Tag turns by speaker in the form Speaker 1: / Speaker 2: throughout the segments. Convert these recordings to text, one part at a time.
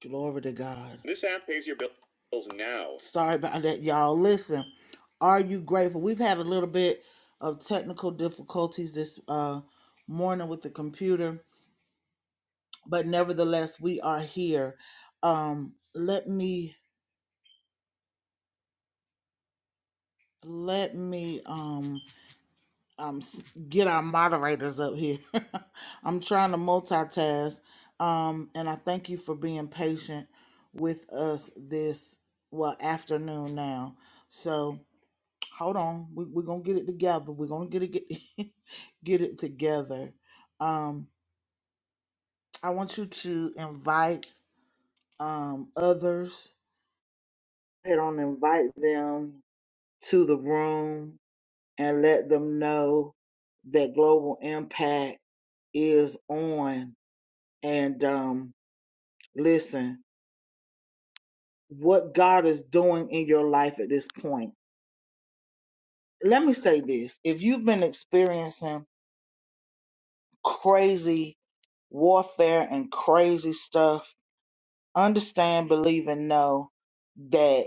Speaker 1: Glory to God. Sorry about that, y'all. Listen, are you grateful? We've had a little bit of technical difficulties this uh, morning with the computer, but nevertheless, we are here. Um, let me let me um, um s- get our moderators up here. I'm trying to multitask, um, and I thank you for being patient with us this well afternoon now. So. hold on we, we're gonna get it together we're gonna get it get, get it together um i want you to invite um others head on invite them to the room and let them know that global impact is on and um listen what god is doing in your life at this point let me say this if you've been experiencing crazy warfare and crazy stuff, understand, believe, and know that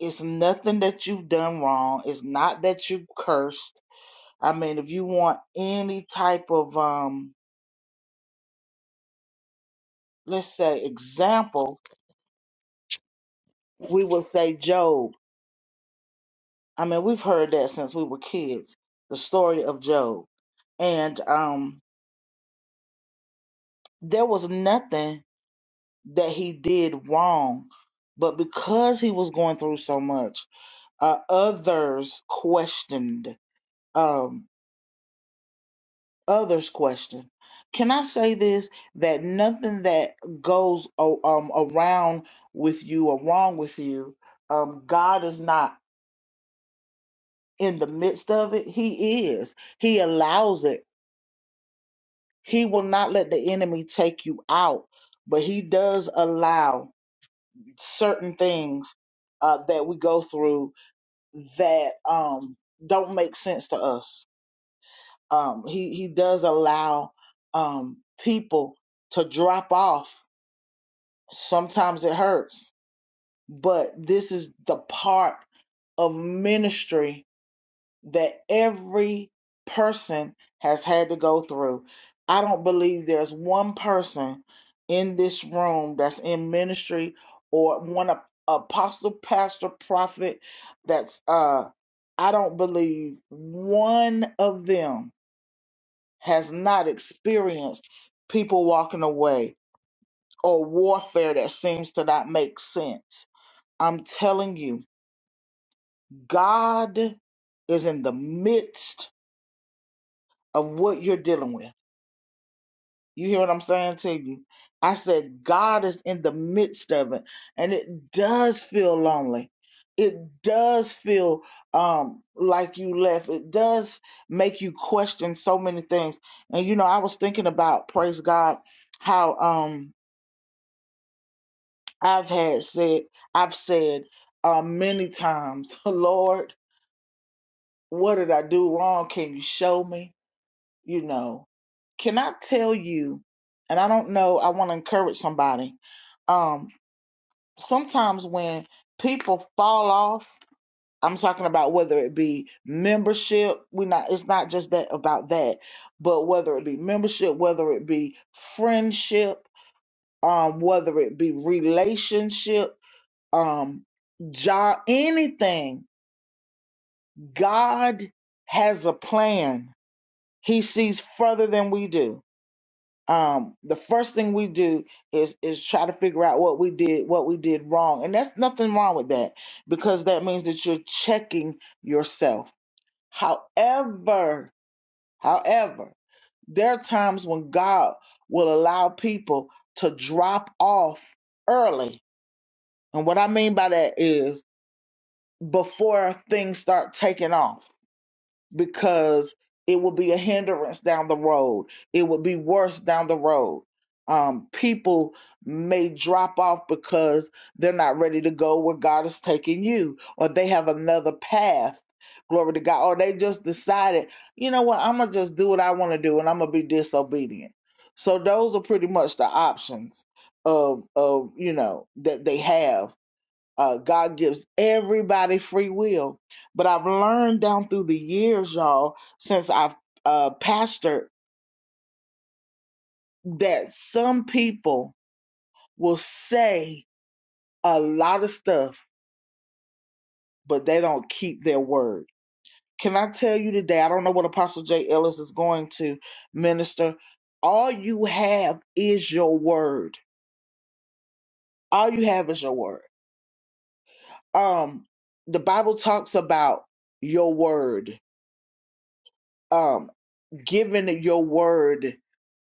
Speaker 1: it's nothing that you've done wrong. It's not that you cursed. I mean, if you want any type of, um, let's say, example, we would say Job. I mean, we've heard that since we were kids, the story of Job. And um, there was nothing that he did wrong, but because he was going through so much, uh, others questioned um others questioned can i say this that nothing that goes o- um around with you or wrong with you um god is not in the midst of it he is he allows it he will not let the enemy take you out but he does allow certain things uh, that we go through that um don't make sense to us um, he he does allow um, people to drop off. Sometimes it hurts, but this is the part of ministry that every person has had to go through. I don't believe there's one person in this room that's in ministry or one ap- apostle, pastor, prophet that's uh I don't believe one of them has not experienced people walking away or warfare that seems to not make sense. I'm telling you, God is in the midst of what you're dealing with. You hear what I'm saying to you? I said, God is in the midst of it. And it does feel lonely. It does feel um, like you left. It does make you question so many things. And, you know, I was thinking about, praise God, how. Um, I've had said, I've said uh, many times, Lord, what did I do wrong? Can you show me? You know, can I tell you? And I don't know, I want to encourage somebody. Um, sometimes when people fall off, I'm talking about whether it be membership, we not it's not just that about that, but whether it be membership, whether it be friendship, um, whether it be relationship um job anything god has a plan he sees further than we do um the first thing we do is is try to figure out what we did what we did wrong and that's nothing wrong with that because that means that you're checking yourself however however there are times when god will allow people to drop off early and what i mean by that is before things start taking off because it will be a hindrance down the road. It will be worse down the road. Um, people may drop off because they're not ready to go where God is taking you, or they have another path. Glory to God. Or they just decided, you know what, I'm going to just do what I want to do and I'm going to be disobedient. So those are pretty much the options of, of you know, that they have uh, God gives everybody free will. But I've learned down through the years, y'all, since I've uh, pastored, that some people will say a lot of stuff, but they don't keep their word. Can I tell you today? I don't know what Apostle J. Ellis is going to minister. All you have is your word. All you have is your word. Um, the Bible talks about your word. Um, given your word.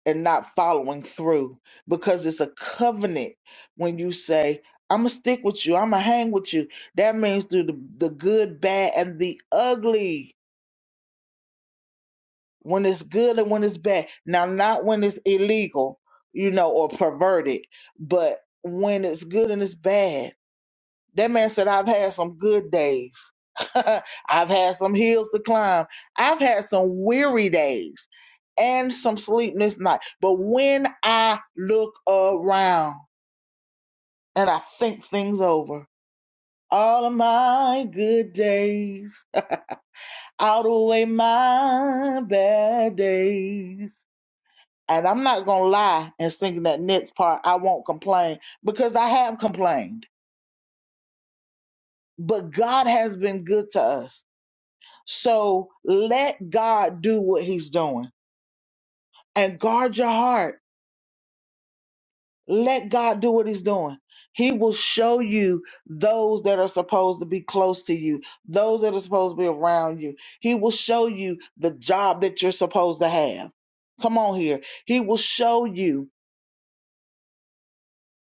Speaker 1: and not following through because it's a covenant when you say i'm gonna stick with you i'm gonna hang with you that means through the, the good bad and the ugly when it's good and when it's bad now not when it's illegal you know or perverted but when it's good and it's bad that man said, I've had some good days. I've had some hills to climb. I've had some weary days and some sleepless nights. But when I look around and I think things over, all of my good days outweigh my bad days. And I'm not going to lie and sing that next part. I won't complain because I have complained. But God has been good to us. So let God do what he's doing and guard your heart. Let God do what he's doing. He will show you those that are supposed to be close to you, those that are supposed to be around you. He will show you the job that you're supposed to have. Come on here. He will show you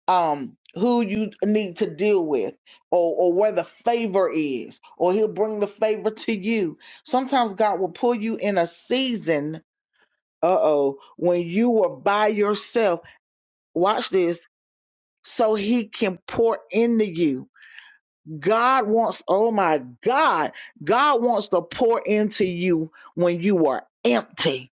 Speaker 1: um who you need to deal with or, or where the favor is, or he'll bring the favor to you. Sometimes God will pull you in a season uh oh, when you were by yourself, watch this, so he can pour into you. God wants, oh my God, God wants to pour into you when you are empty.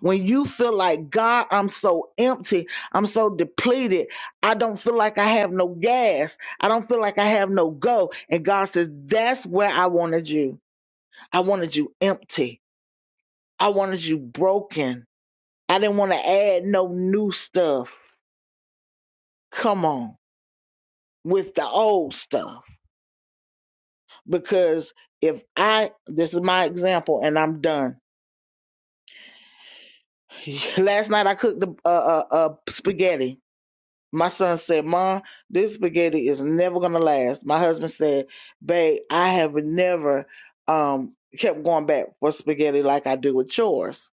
Speaker 1: When you feel like, God, I'm so empty, I'm so depleted, I don't feel like I have no gas, I don't feel like I have no go. And God says, That's where I wanted you. I wanted you empty, I wanted you broken. I didn't want to add no new stuff. Come on with the old stuff. Because if I, this is my example, and I'm done. Last night I cooked the uh, uh, uh, spaghetti. My son said, "Mom, this spaghetti is never gonna last." My husband said, "Babe, I have never um kept going back for spaghetti like I do with chores."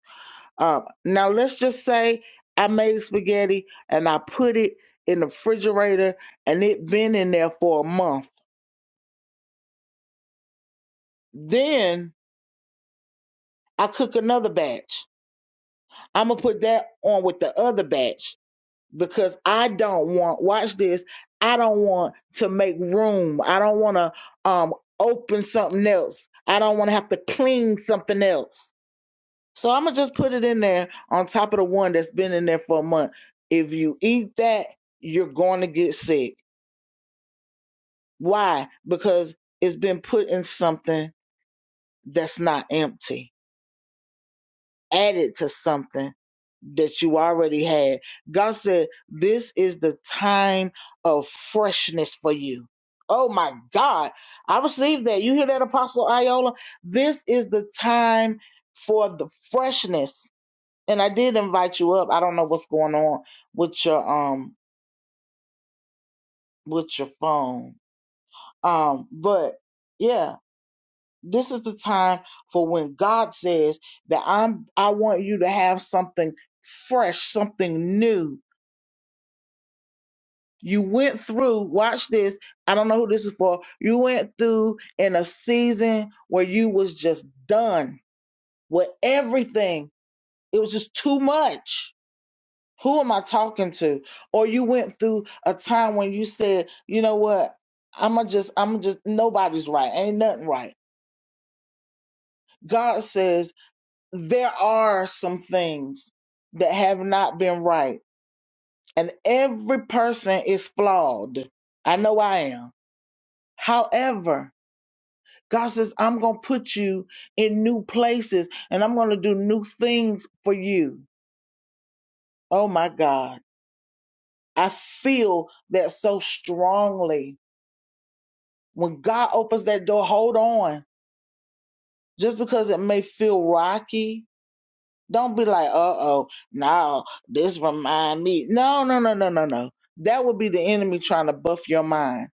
Speaker 1: Um, now let's just say I made spaghetti and I put it in the refrigerator and it been in there for a month. Then I cook another batch. I'm gonna put that on with the other batch because I don't want watch this. I don't want to make room. I don't want to um open something else. I don't want to have to clean something else. So I'm gonna just put it in there on top of the one that's been in there for a month. If you eat that, you're going to get sick. Why? Because it's been put in something that's not empty. added to something that you already had. God said, This is the time of freshness for you. Oh my God. I received that. You hear that, Apostle Iola? This is the time for the freshness. And I did invite you up. I don't know what's going on with your um with your phone. Um, but yeah. This is the time for when God says that I'm I want you to have something fresh, something new. You went through, watch this. I don't know who this is for. You went through in a season where you was just done with everything. It was just too much. Who am I talking to? Or you went through a time when you said, you know what? I'ma just, i am just nobody's right. Ain't nothing right. God says there are some things that have not been right, and every person is flawed. I know I am. However, God says, I'm going to put you in new places and I'm going to do new things for you. Oh my God. I feel that so strongly. When God opens that door, hold on. Just because it may feel rocky, Don't be like, uh oh, no, this remind me. No, no, no, no, no, no. That would be the enemy trying to buff your mind.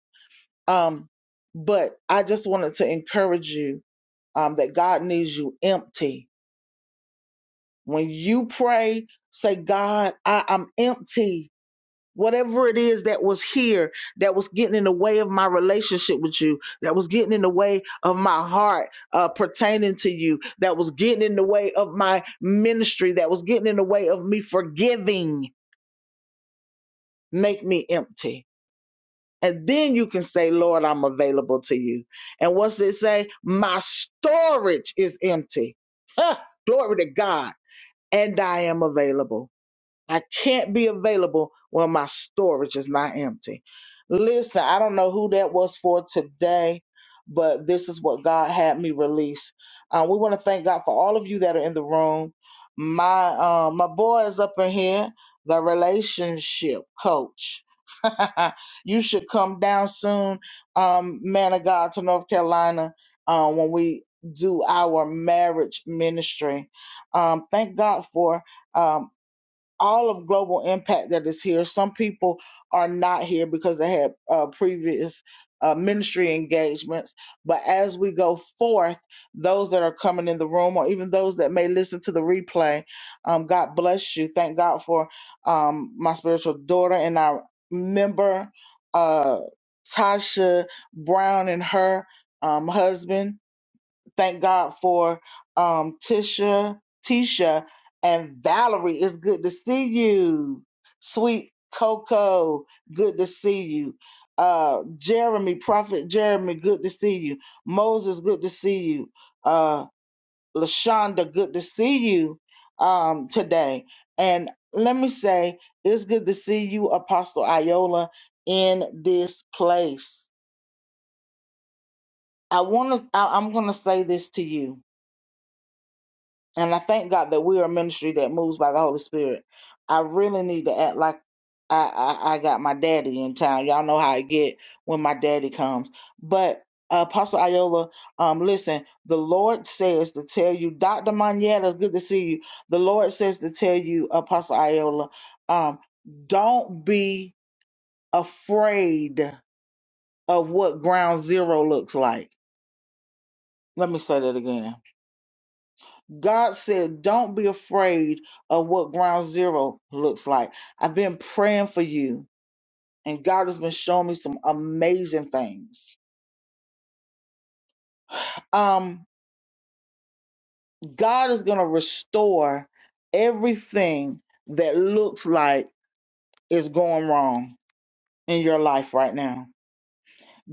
Speaker 1: Um, but I just wanted to encourage you um that God needs you empty. When you pray, say, God, I, I'm empty whatever it is that was here that was getting in the way of my relationship with you that was getting in the way of my heart uh, pertaining to you that was getting in the way of my ministry that was getting in the way of me forgiving make me empty and then you can say lord i'm available to you and what's it say my storage is empty Huh, glory to god and i am available I can't be available when my storage is not empty. Listen, I don't know who that was for today, but this is what God had me release. Uh, we want to thank God for all of you that are in the room. My uh, my boy is up in here, the relationship coach. you should come down soon, um, man of God, to North Carolina uh, when we do our marriage ministry. Um, thank God for. Um, all of global impact that is here. Some people are not here because they had uh, previous uh, ministry engagements. But as we go forth, those that are coming in the room, or even those that may listen to the replay, um, God bless you. Thank God for um, my spiritual daughter and our member, uh, Tasha Brown, and her um, husband. Thank God for um, Tisha, Tisha, and Valerie. It's good to see you. Sweet Coco, good to see you. Uh, Jeremy, Prophet Jeremy, good to see you. Moses, good to see you. Uh, Lashonda, good to see you um, today. And let me say, it's good to see you, Apostle Iola, in this place. I want to. I'm going to say this to you And I thank God that we are a ministry that moves by the Holy Spirit. I really need to act like I, I, I got my daddy in town. Y'all know how I get when my daddy comes. But uh, Apostle Iola, um, listen, the Lord says to tell you, Dr. Manietta, it's good to see you. The Lord says to tell you, Apostle Iola, um, don't be afraid of what ground zero looks like. Let me say that again God said, don't be afraid of what ground zero looks like. I've been praying for you, and God has been showing me some amazing things. Um, God is going to restore everything that looks like is going wrong in your life right now.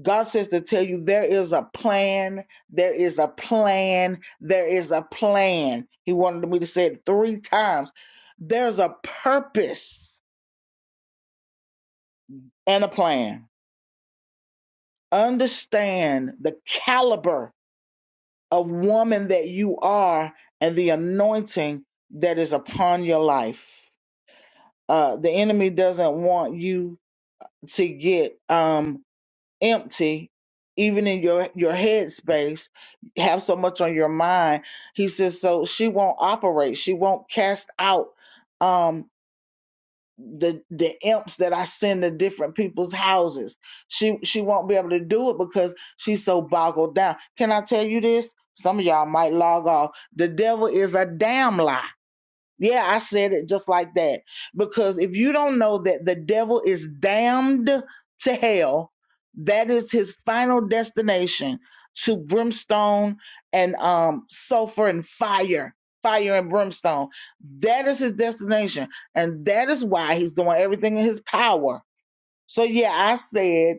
Speaker 1: God says to tell you there is a plan, there is a plan, there is a plan. He wanted me to say it three times. There's a purpose and a plan. understand the caliber of woman that you are and the anointing that is upon your life. Uh, the enemy doesn't want you to get um, empty, even in your your head space. Have so much on your mind. He says so she won't operate. She won't cast out. um, the the imps that I send to different people's houses. She she won't be able to do it because she's so boggled down. Can I tell you this? Some of y'all might log off. The devil is a damn lie. Yeah, I said it just like that. Because if you don't know that the devil is damned to hell, that is his final destination to brimstone and um sulfur and fire, fire and brimstone. That is his destination. And that is why he's doing everything in his power. So yeah, I said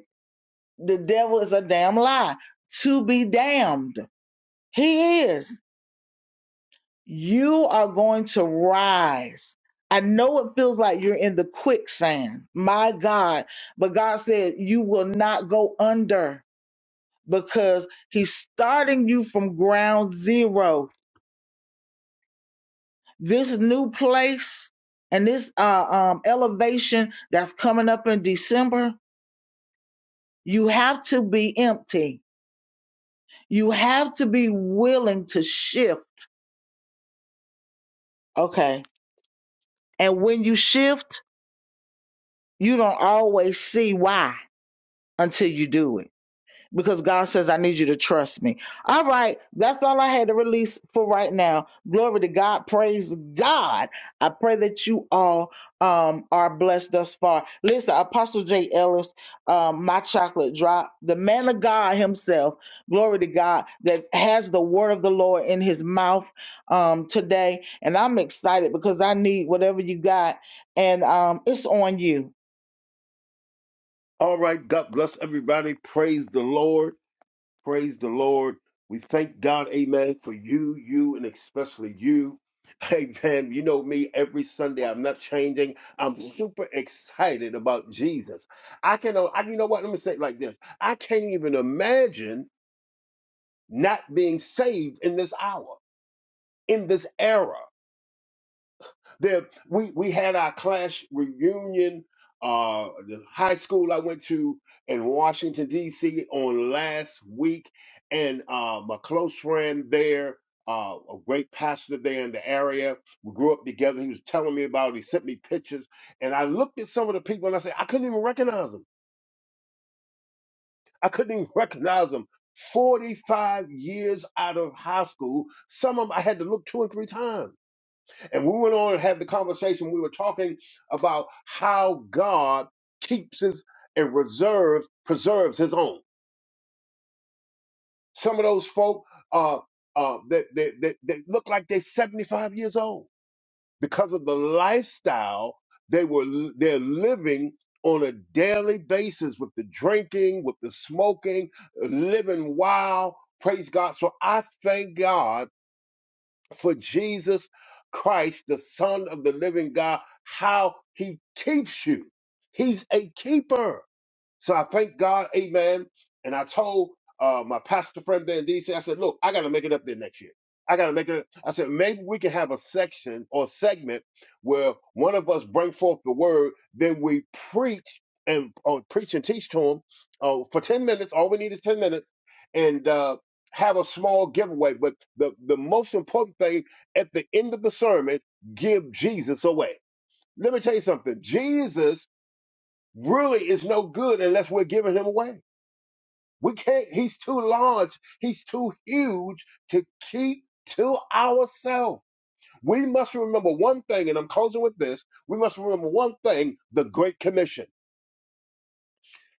Speaker 1: the devil is a damn lie to be damned. He is you are going to rise. I know it feels like you're in the quicksand, my God, but God said you will not go under because He's starting you from ground zero. This new place and this uh, um, elevation that's coming up in December, you have to be empty. You have to be willing to shift. Okay. And when you shift, you don't always see why until you do it because God says, I need you to trust me. All right, that's all I had to release for right now. Glory to God. Praise God. I pray that you all um, are blessed thus far. Listen, Apostle J. Ellis, um, my chocolate drop, the man of God himself, glory to God, that has the word of the Lord in his mouth um, today. And I'm excited because I need whatever you got. And um, it's on you.
Speaker 2: All right, God bless everybody. Praise the Lord. Praise the Lord. We thank God, amen, for you, you, and especially you. Amen. You know me every Sunday. I'm not changing. I'm super excited about Jesus. I can, uh, I, you know what? Let me say it like this I can't even imagine not being saved in this hour, in this era. There, we we had our class reunion. Uh, the high school I went to in Washington D.C. on last week, and uh, my close friend there, uh, a great pastor there in the area, we grew up together. He was telling me about. It. He sent me pictures, and I looked at some of the people, and I said I couldn't even recognize them. I couldn't even recognize them. 45 years out of high school, some of them I had to look two and three times and we went on and had the conversation. We were talking about how God keeps his and reserves, preserves his own. Some of those folk uh, uh, that, they they that look like they're 75 years old because of the lifestyle they were they're living on a daily basis with the drinking, with the smoking, living wild. Praise God. So I thank God for Jesus Christ, the Son of the living God, how he keeps you. He's a keeper. So I thank God, amen. And I told uh, my pastor friend there in DC, said, look, I got to make it up there next year. I got to make it. I said, maybe we can have a section or segment where one of us bring forth the word, then we preach and or preach and teach to them uh, for 10 minutes. All we need is 10 minutes and uh, have a small giveaway. But the, the most important thing at the end of the sermon, give Jesus away. Let me tell you something. Jesus really is no good unless we're giving him away. We can't, he's too large, he's too huge to keep to ourselves. We must remember one thing, and I'm closing with this we must remember one thing the Great Commission.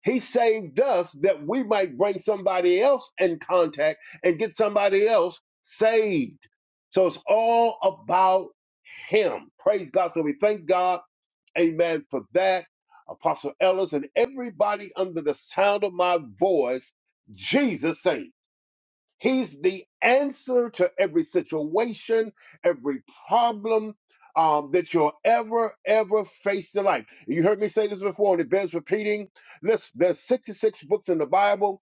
Speaker 2: He saved us that we might bring somebody else in contact and get somebody else saved. So it's all about him. Praise God. So we thank God Amen. For that, Apostle Ellis and everybody under the sound of my voice, Jesus saying, He's the answer to every situation, every problem um, that you'll ever, ever face in life. You heard me say this before, and it bears repeating. Listen, there's 66 books in the Bible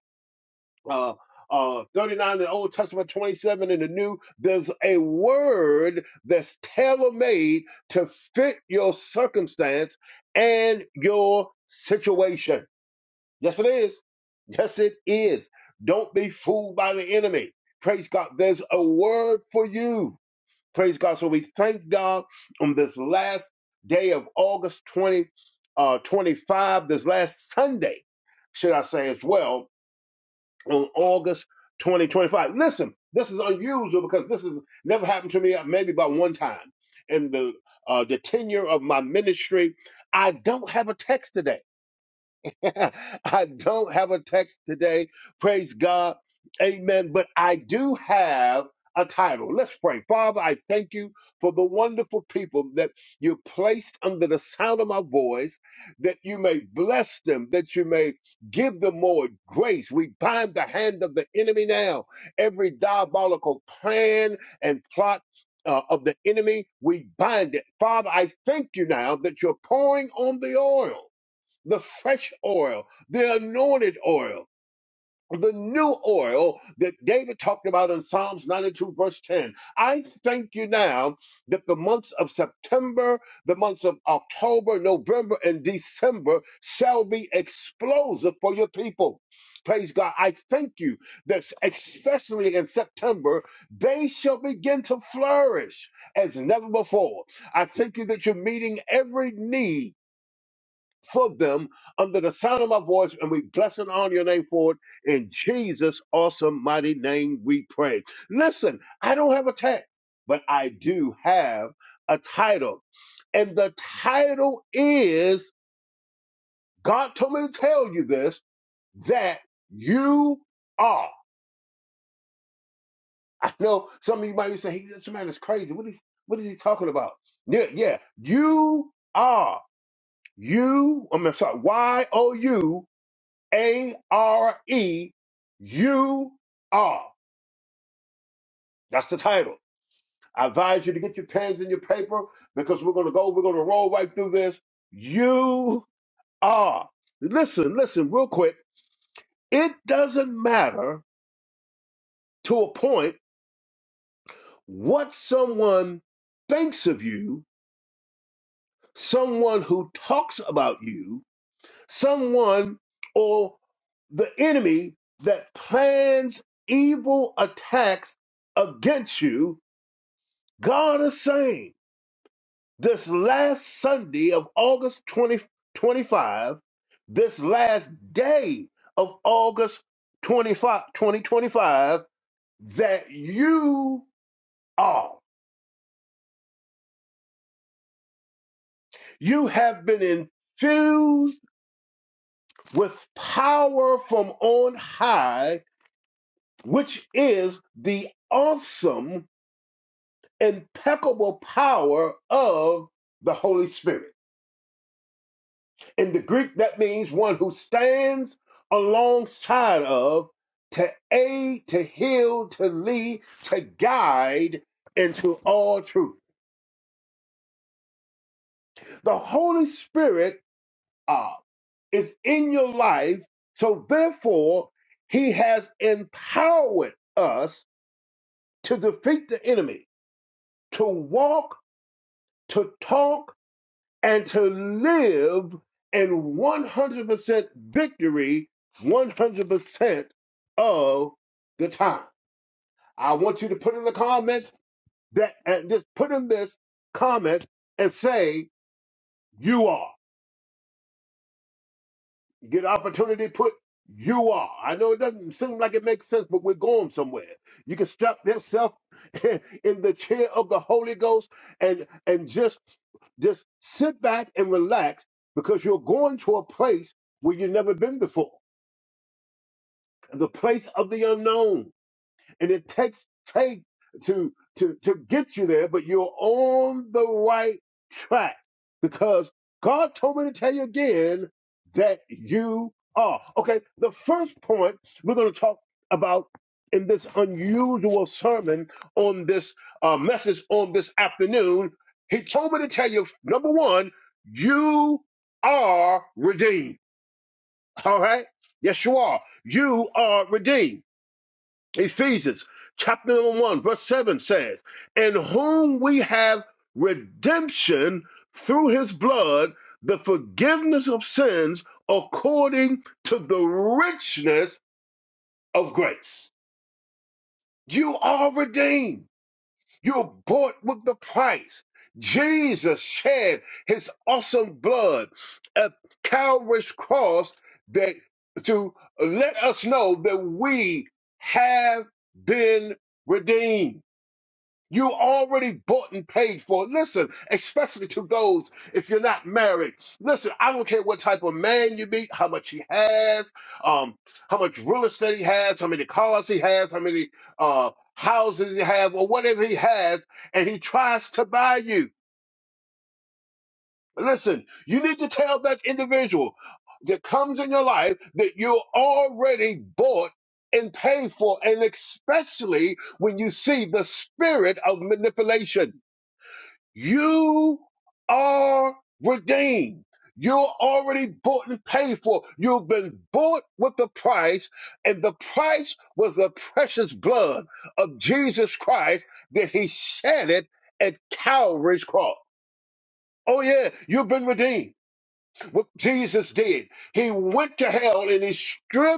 Speaker 2: uh, uh, 39 in the Old Testament, 27 in the New. There's a word that's tailor made to fit your circumstance and your situation. Yes, it is. Yes, it is. Don't be fooled by the enemy. Praise God. There's a word for you. Praise God. So we thank God on this last day of August 20, uh, 25, this last Sunday, should I say as well on August 2025. Listen, this is unusual because this has never happened to me, uh, maybe about one time in the uh, the tenure of my ministry. I don't have a text today. I don't have a text today. Praise God. Amen. But I do have a title. Let's pray. Father, I thank you for the wonderful people that you placed under the sound of my voice, that you may bless them, that you may give them more grace. We bind the hand of the enemy now. Every diabolical plan and plot uh, of the enemy, we bind it. Father, I thank you now that you're pouring on the oil the fresh oil, the anointed oil, the new oil that David talked about in Psalms 92, verse 10. I thank you now that the months of September, the months of October, November, and December shall be explosive for your people. Praise God. I thank you that especially in September, they shall begin to flourish as never before. I thank you that you're meeting every need for them under the sound of my voice, and we bless and honor your name for it. In Jesus' awesome mighty name we pray. Listen, I don't have a tag, but I do have a title. And the title is God told me to tell you this that you are. I know some of you might say, hey, this man is crazy. What is what is he talking about? Yeah, yeah. You are. You, I'm sorry, Y O U A R E U R. That's the title. I advise you to get your pens and your paper because we're going to go, we're going to roll right through this. You are. Listen, listen, real quick. It doesn't matter to a point what someone thinks of you, someone who talks about you, someone or the enemy that plans evil attacks against you God is saying this last Sunday of August 2025, this last day of August 25 2025, that you are. You have been infused with power from on high, which is the awesome, impeccable power of the Holy Spirit. In the Greek, that means one who stands alongside of to aid, to heal, to lead, to guide into all truth. The Holy Spirit uh, is in your life, so therefore, He has empowered us to defeat the enemy, to walk, to talk, and to live in 100% victory 100% of the time. I want you to put in the comments that and just put in this comment and say you are. Get opportunity put you are. I know it doesn't seem like it makes sense, but we're going somewhere. You can strap yourself in the chair of the Holy Ghost and and just Just sit back and relax because you're going to a place where you've never been before, the place of the unknown and it takes faith to to to get you there but you're on the right track because god told me to tell you again that you are okay the first point we're going to talk about in this unusual sermon on this uh, message on this afternoon he told me to tell you number one you are redeemed all right yes you are you are redeemed Ephesians chapter number 1, verse 7 says, In whom we have redemption through his blood, the forgiveness of sins according to the richness of grace. You are redeemed. You're bought with the price. Jesus shed his awesome blood at Calvary's cross that to let us know that we have been redeemed. You already bought and paid for. it. Listen, especially to those if you're not married. Listen, I don't care what type of man you meet, how much he has, um, how much real estate he has, how many cars he has, how many uh houses he have, or whatever he has, and he tries to buy you. Listen, you need to tell that individual that comes in your life that you're already bought and paid for, and especially when you see the spirit of manipulation. You are redeemed. You're already bought and paid for. You've been bought with the price, and the price was the precious blood of Jesus Christ that he shed it at Calvary's cross. Oh, yeah, you've been redeemed. What Jesus did, he went to hell and he stripped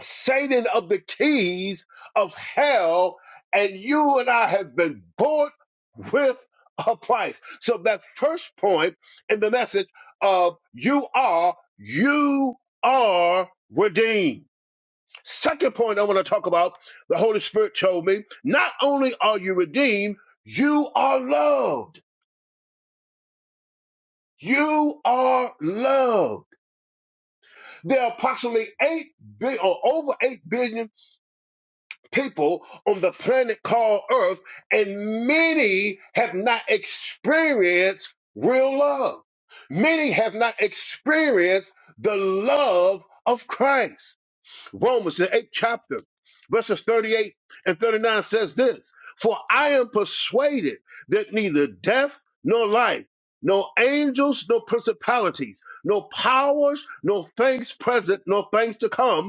Speaker 2: Satan of the keys of hell, and you and I have been bought with a price. So that first point in the message of you are, you are redeemed. Second point I want to talk about, the Holy Spirit told me, not only are you redeemed, you are loved. You are loved. There are approximately 8 billion or over 8 billion people on the planet called Earth, and many have not experienced real love. Many have not experienced the love of Christ. Romans, the eighth chapter, verses 38 and 39 says this For I am persuaded that neither death nor life, nor angels, nor principalities, nor powers, nor things present, nor things to come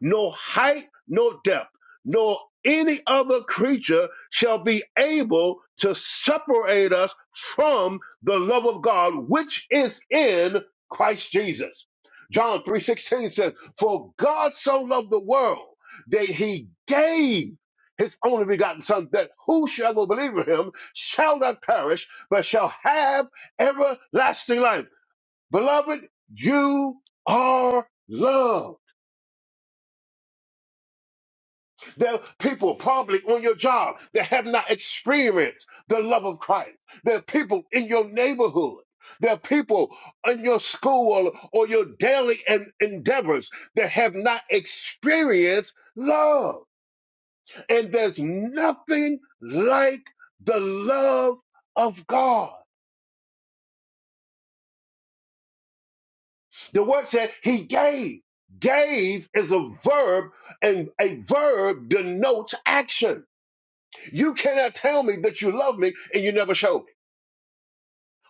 Speaker 2: no height, no depth, nor any other creature shall be able to separate us from the love of God which is in Christ Jesus. John 3:16 says, "For God so loved the world that he gave his only begotten son that whosoever believe in him shall not perish but shall have everlasting life." Beloved, you are loved There are people probably on your job that have not experienced the love of Christ. There are people in your neighborhood. There are people in your school or your daily en- endeavors that have not experienced love. And there's nothing like the love of God. The word said he gave. Gave is a verb, and a verb denotes action. You cannot tell me that you love me and you never show. it.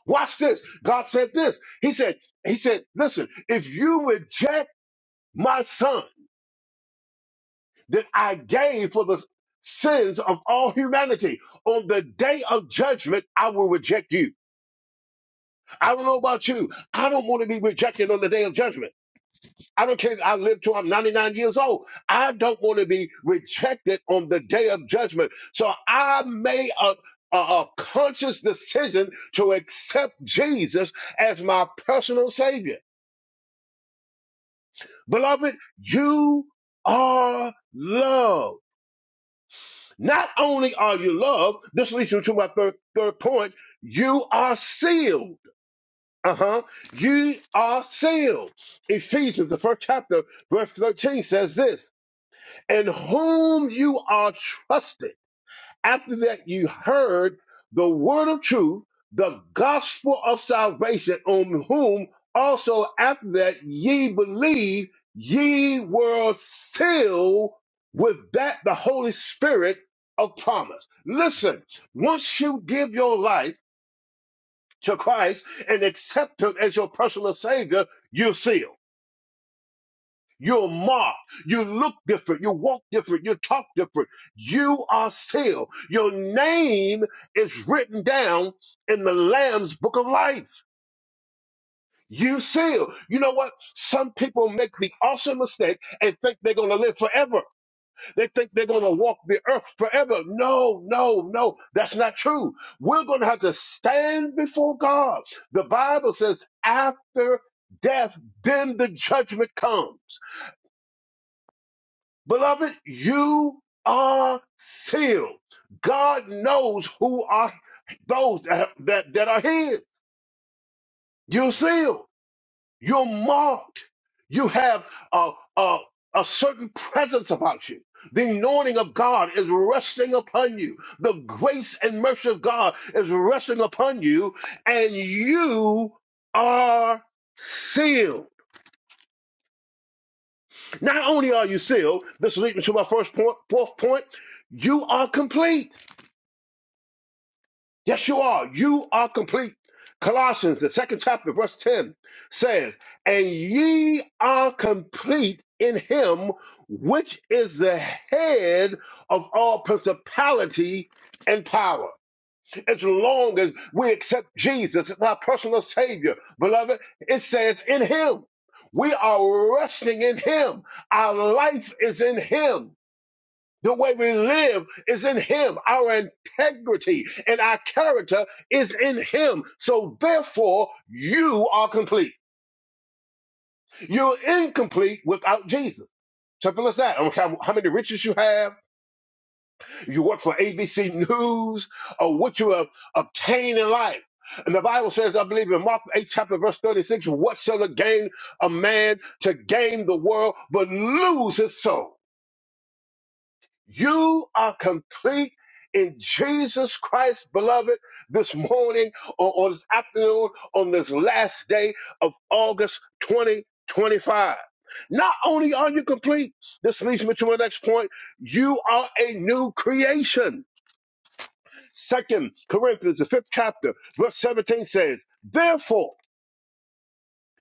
Speaker 2: Watch this. God said this. He said, He said, listen, if you reject my son that I gave for the sins of all humanity, on the day of judgment, I will reject you. I don't know about you. I don't want to be rejected on the day of judgment. I don't care if I live till I'm 99 years old. I don't want to be rejected on the day of judgment. So I made a, a, a conscious decision to accept Jesus as my personal savior. Beloved, you are loved. Not only are you loved, this leads you to my third, third point, you are sealed. Uh huh. You are sealed. Ephesians, the first chapter, verse 13 says this In whom you are trusted after that, you heard the word of truth, the gospel of salvation, on whom also after that ye believe, ye were sealed with that the Holy Spirit of promise. Listen, once you give your life to Christ and accept Him as your personal Savior, you're sealed. You're marked. You look different. You walk different. You talk different. You are sealed. Your name is written down in the Lamb's book of life. You sealed. You know what? Some people make the awesome mistake and think they're going to live forever. They think they're going to walk the earth forever. No, no, no. That's not true. We're going to have to stand before God. The Bible says after death, then the judgment comes. Beloved, you are sealed. God knows who are those that, that, that are his. You're sealed. You're marked. You have a, a, a certain presence about you. The anointing of God is resting upon you. The grace and mercy of God is resting upon you, and you are sealed. Not only are you sealed, this leads me to my first point, fourth point, you are complete. Yes, you are. You are complete. Colossians, the second chapter, verse 10 says, And ye are complete in him which is the head of all principality and power. As long as we accept Jesus as our personal Savior, beloved, it says in him. We are resting in him. Our life is in him. The way we live is in Him. Our integrity and our character is in Him. So therefore, you are complete. You're incomplete without Jesus. Simple as that. I don't care how many riches you have, you work for ABC News, or what you have obtained in life. And the Bible says, I believe in Mark 8, chapter verse 36, what shall it gain a man to gain the world but lose his soul? You are complete in Jesus Christ, beloved, this morning or, or this afternoon on this last day of August 2025. Not only are you complete, this leads me to my next point. You are a new creation. Second Corinthians, the fifth chapter, verse 17 says, Therefore,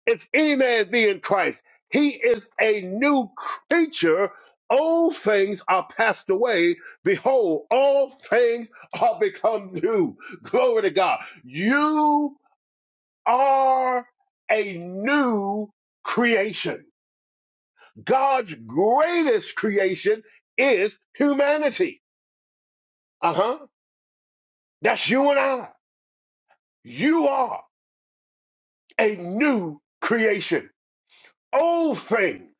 Speaker 2: if any man be in Christ, he is a new creature. Old things are passed away. Behold, all things are become new. Glory to God. You are a new creation. God's greatest creation is humanity. Uh huh. That's you and I. You are a new creation. Old things.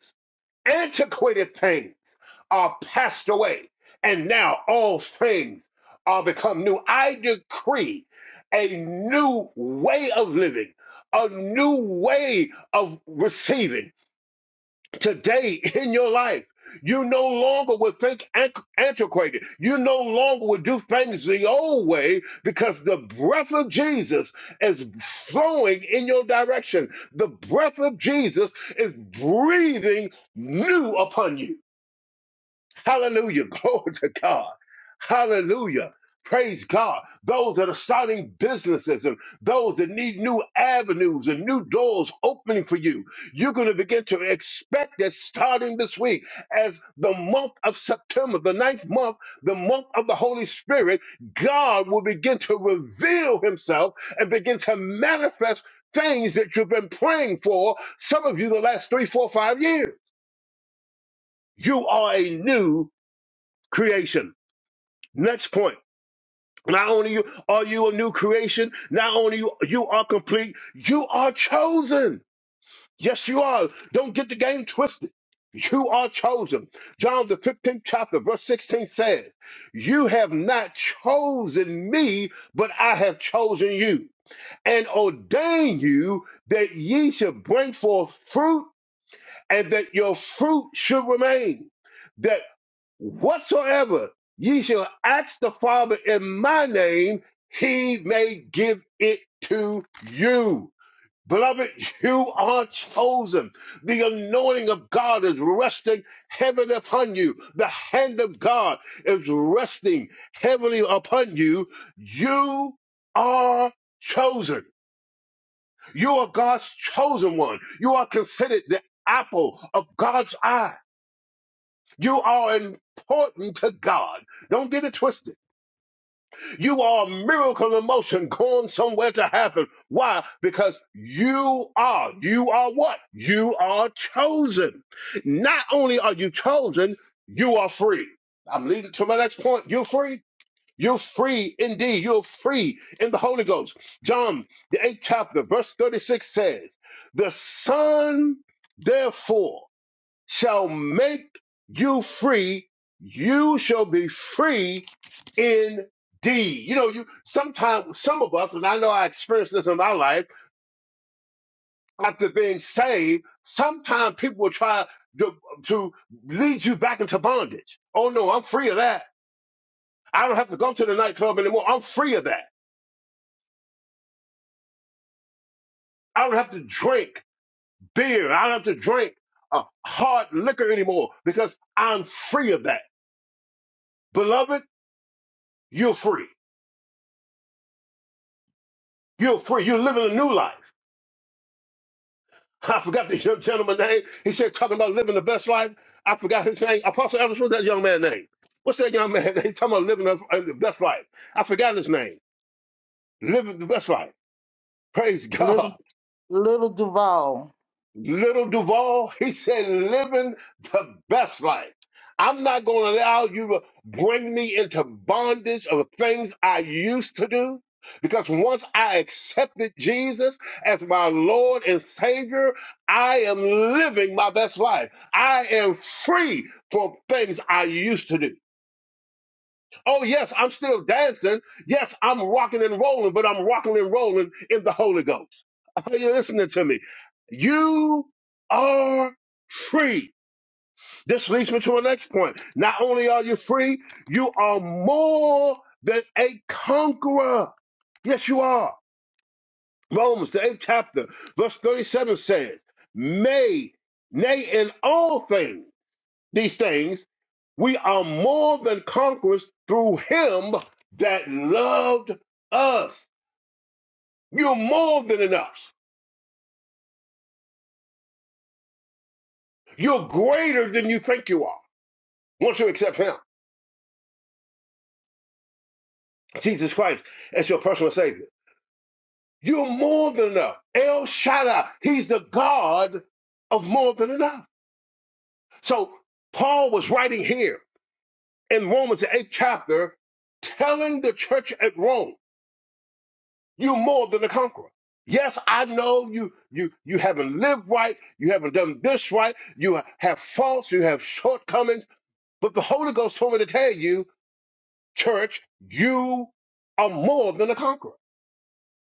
Speaker 2: antiquated things are passed away, and now all things are become new. I decree a new way of living, a new way of receiving, today in your life. You no longer will think anch- antiquated. You no longer will do things the old way because the breath of Jesus is flowing in your direction. The breath of Jesus is breathing new upon you. Hallelujah. Glory to God. Hallelujah. Praise God. Those that are starting businesses and those that need new avenues and new doors opening for you, you're going to begin to expect that starting this week, as the month of September, the ninth month, the month of the Holy Spirit, God will begin to reveal himself and begin to manifest things that you've been praying for, some of you, the last three, four, five years. You are a new creation. Next point. Not only you are you a new creation, not only you, you are complete, you are chosen. Yes, you are. Don't get the game twisted. You are chosen. John the 15th chapter, verse 16 says, You have not chosen me, but I have chosen you and ordained you that ye should bring forth fruit and that your fruit should remain, that whatsoever ye shall ask the Father in my name, he may give it to you. Beloved, you are chosen. The anointing of God is resting heavily upon you. The hand of God is resting heavily upon you. You are chosen. You are God's chosen one. You are considered the apple of God's eye. You are important to God. Don't get it twisted. You are a miracle in motion going somewhere to happen. Why? Because you are. You are what? You are chosen. Not only are you chosen, you are free. I'm leading to my next point. You're free. You're free indeed. You're free in the Holy Ghost. John, the eighth chapter, verse 36 says, The Son, therefore, shall make you free. You shall be free indeed. You know, you sometimes, some of us, and I know I experienced this in my life, after being saved, sometimes people will try to, to lead you back into bondage. Oh, no, I'm free of that. I don't have to go to the nightclub anymore. I'm free of that. I don't have to drink beer. I don't have to drink uh, hard liquor anymore because I'm free of that. Beloved, you're free. You're free. You're living a new life. I forgot the young gentleman's name. He said, talking about living the best life. I forgot his name. Apostle Evans, what's that young man's name? What's that young man? He's talking about living the uh, the best life. I forgot his name. Living the best life. Praise God.
Speaker 1: Little, little Duval.
Speaker 2: Little Duval, he said, living the best life. I'm not going to allow you to bring me into bondage of things I used to do. Because once I accepted Jesus as my Lord and Savior, I am living my best life. I am free from things I used to do. Oh, yes, I'm still dancing. Yes, I'm rocking and rolling, but I'm rocking and rolling in the Holy Ghost. Are you listening to me? You are free. This leads me to the next point. Not only are you free, you are more than a conqueror. Yes, you are. Romans, the eighth chapter, verse 37 says, May, nay, in all things these things, we are more than conquerors through him that loved us. You're more than enough. You're greater than you think you are. Once you accept him, Jesus Christ, as your personal savior, you're more than enough. El Shaddai, he's the God of more than enough. So Paul was writing here in Romans the eighth chapter, telling the church at Rome You're more than a conqueror. Yes, I know you you you haven't lived right, you haven't done this right, you have faults, you have shortcomings, but the Holy Ghost told me to tell you, church, you are more than a conqueror.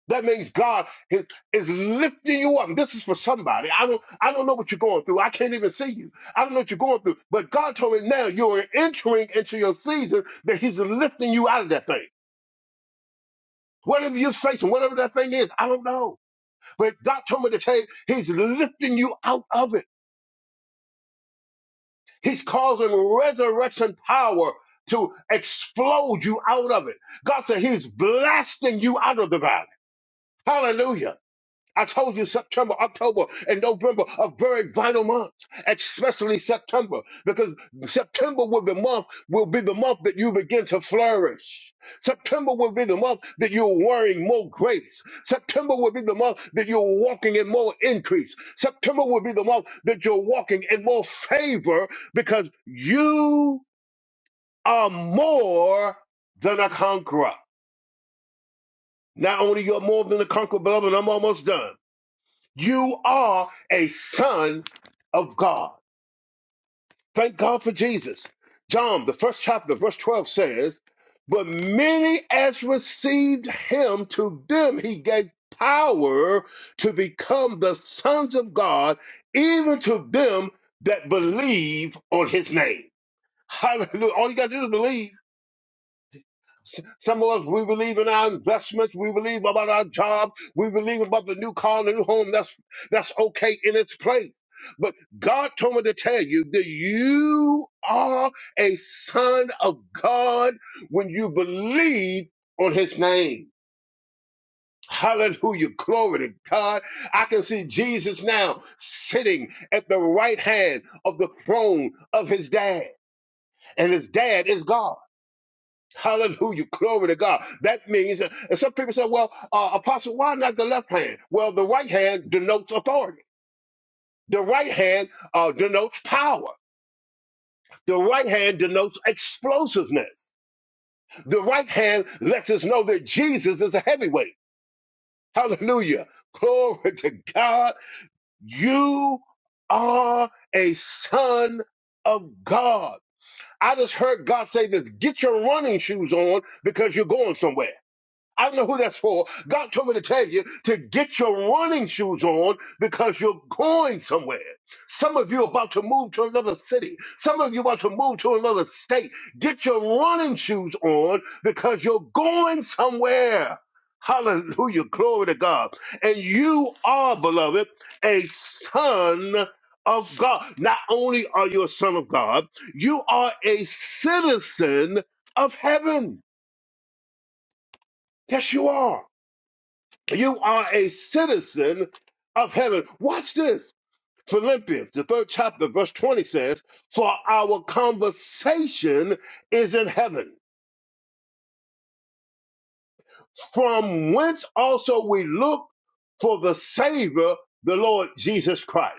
Speaker 2: That means God is, is lifting you up. And This is for somebody. I don't I don't know what you're going through. I can't even see you. I don't know what you're going through. But God told me now you're entering into your season that He's lifting you out of that thing. Whatever you're facing, whatever that thing is, I don't know. But God told me to tell you, He's lifting you out of it. He's causing resurrection power to explode you out of it. God said He's blasting you out of the valley. Hallelujah. I told you September, October, and November are very vital months, especially September, because September will be month will be the month that you begin to flourish. September will be the month that you're wearing more grace. September will be the month that you're walking in more increase. September will be the month that you're walking in more favor because you are more than a conqueror. Not only you're more than a conqueror, beloved, I'm almost done. You are a son of God. Thank God for Jesus. John, the first chapter, verse 12 says, But many as received him, to them he gave power to become the sons of God, even to them that believe on his name. Hallelujah. All you got to do is believe S- Some of us, we believe in our investments. We believe about our job. We believe about the new car the new home. That's, that's okay in its place. But God told me to tell you that you are a son of God when you believe on his name. Hallelujah. Glory to God. I can see Jesus now sitting at the right hand of the throne of his dad. And his dad is God. Hallelujah. Glory to God. That means, uh, and some people say, well, uh, Apostle, why not the left hand? Well, the right hand denotes authority. The right hand uh, denotes power. The right hand denotes explosiveness. The right hand lets us know that Jesus is a heavyweight. Hallelujah. Glory to God. You are a son of God. I just heard God say this get your running shoes on because you're going somewhere. I don't know who that's for. God told me to tell you to get your running shoes on because you're going somewhere. Some of you are about to move to another city. Some of you are about to move to another state. Get your running shoes on because you're going somewhere. Hallelujah. Glory to God. And you are, beloved, a son of God. Not only are you a son of God, you are a citizen of heaven. Yes, you are. You are a citizen of heaven. Watch this. Philippians, the third chapter, verse 20 says, For our conversation is in heaven, from whence also we look for the Savior, the Lord Jesus Christ.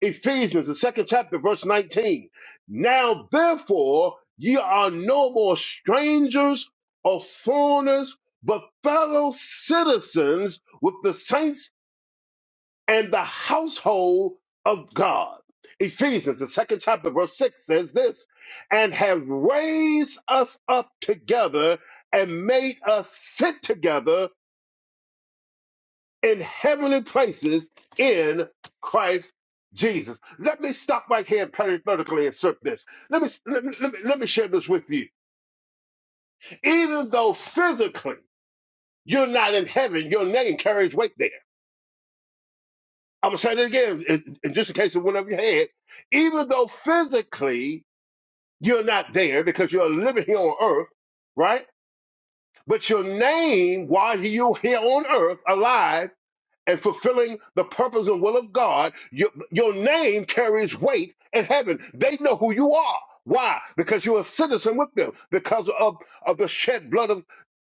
Speaker 2: Ephesians, the second chapter, verse 19. Now therefore, ye are no more strangers or foreigners, but fellow citizens with the saints and the household of God. Ephesians, the second chapter, verse 6 says this and have raised us up together and made us sit together in heavenly places in Christ Jesus. Let me stop right here and parenthetically insert this. Let me, let me, let me, let me share this with you. Even though physically you're not in heaven, your name carries weight there I'm gonna say that again, in, in just in case it went over your head. Even though physically you're not there because you're living here on earth, right? But your name, while you're here on earth, alive and fulfilling the purpose and will of God, your, your name carries weight in heaven. They know who you are. Why? Because you're a citizen with them, because of, of the shed blood of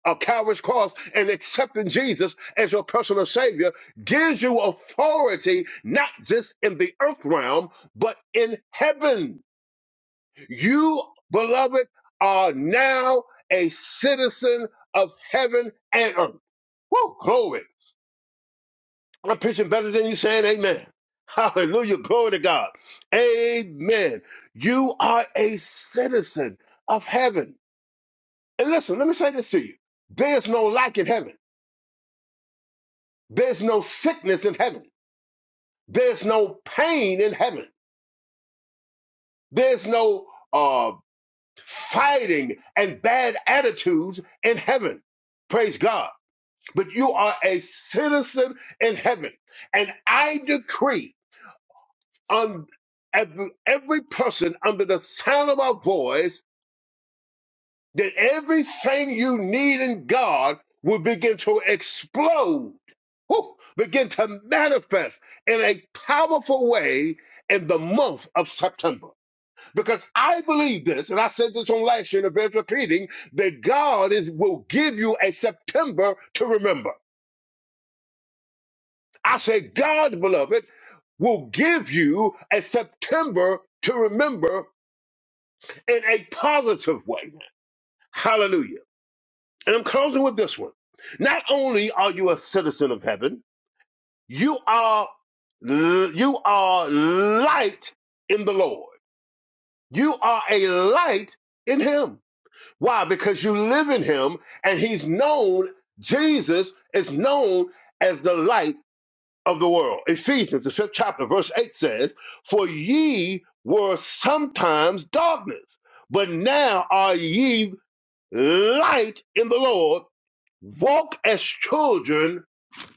Speaker 2: a Calvary's cross and accepting Jesus as your personal Savior gives you authority not just in the earth realm, but in heaven. You, beloved, are now a citizen of heaven and earth. Woo, glory. I'm preaching better than you saying amen. Hallelujah. Glory to God. Amen. You are a citizen of heaven. And listen, let me say this to you. There's no lack in heaven. There's no sickness in heaven. There's no pain in heaven. There's no uh, fighting and bad attitudes in heaven. Praise God. But you are a citizen in heaven. And I decree on every, every person under the sound of our voice that everything you need in God will begin to explode, whew, begin to manifest in a powerful way in the month of September. Because I believe this, and I said this on last year, and it bears repeating, that God is will give you a September to remember. I said, God, beloved, will give you a September to remember in a positive way. Hallelujah. And I'm closing with this one. Not only are you a citizen of heaven, you are you are light in the Lord. You are a light in him. Why? Because you live in him and he's known Jesus is known as the light of the world. Ephesians the 5th chapter verse 8 says, "For ye were sometimes darkness, but now are ye light in the Lord." Walk as children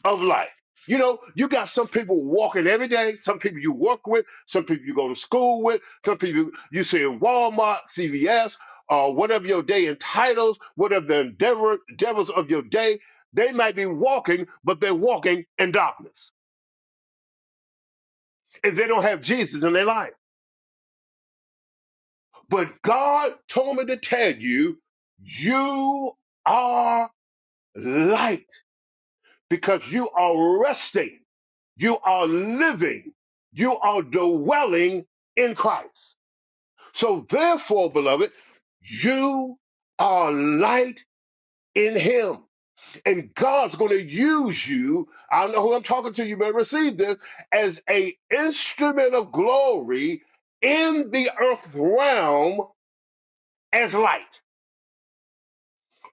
Speaker 2: of light. You know, you got some people walking every day, some people you work with, some people you go to school with, some people you see in Walmart, CVS, or whatever your day entitles, whatever the endeavor, endeavors of your day. They might be walking, but they're walking in darkness. And they don't have Jesus in their life. But God told me to tell you, you are light because you are resting You are living. You are dwelling in Christ. So therefore, beloved, you are light in him. And God's going to use you. I know who I'm talking to. You may receive this as a instrument of glory in the earth realm as light.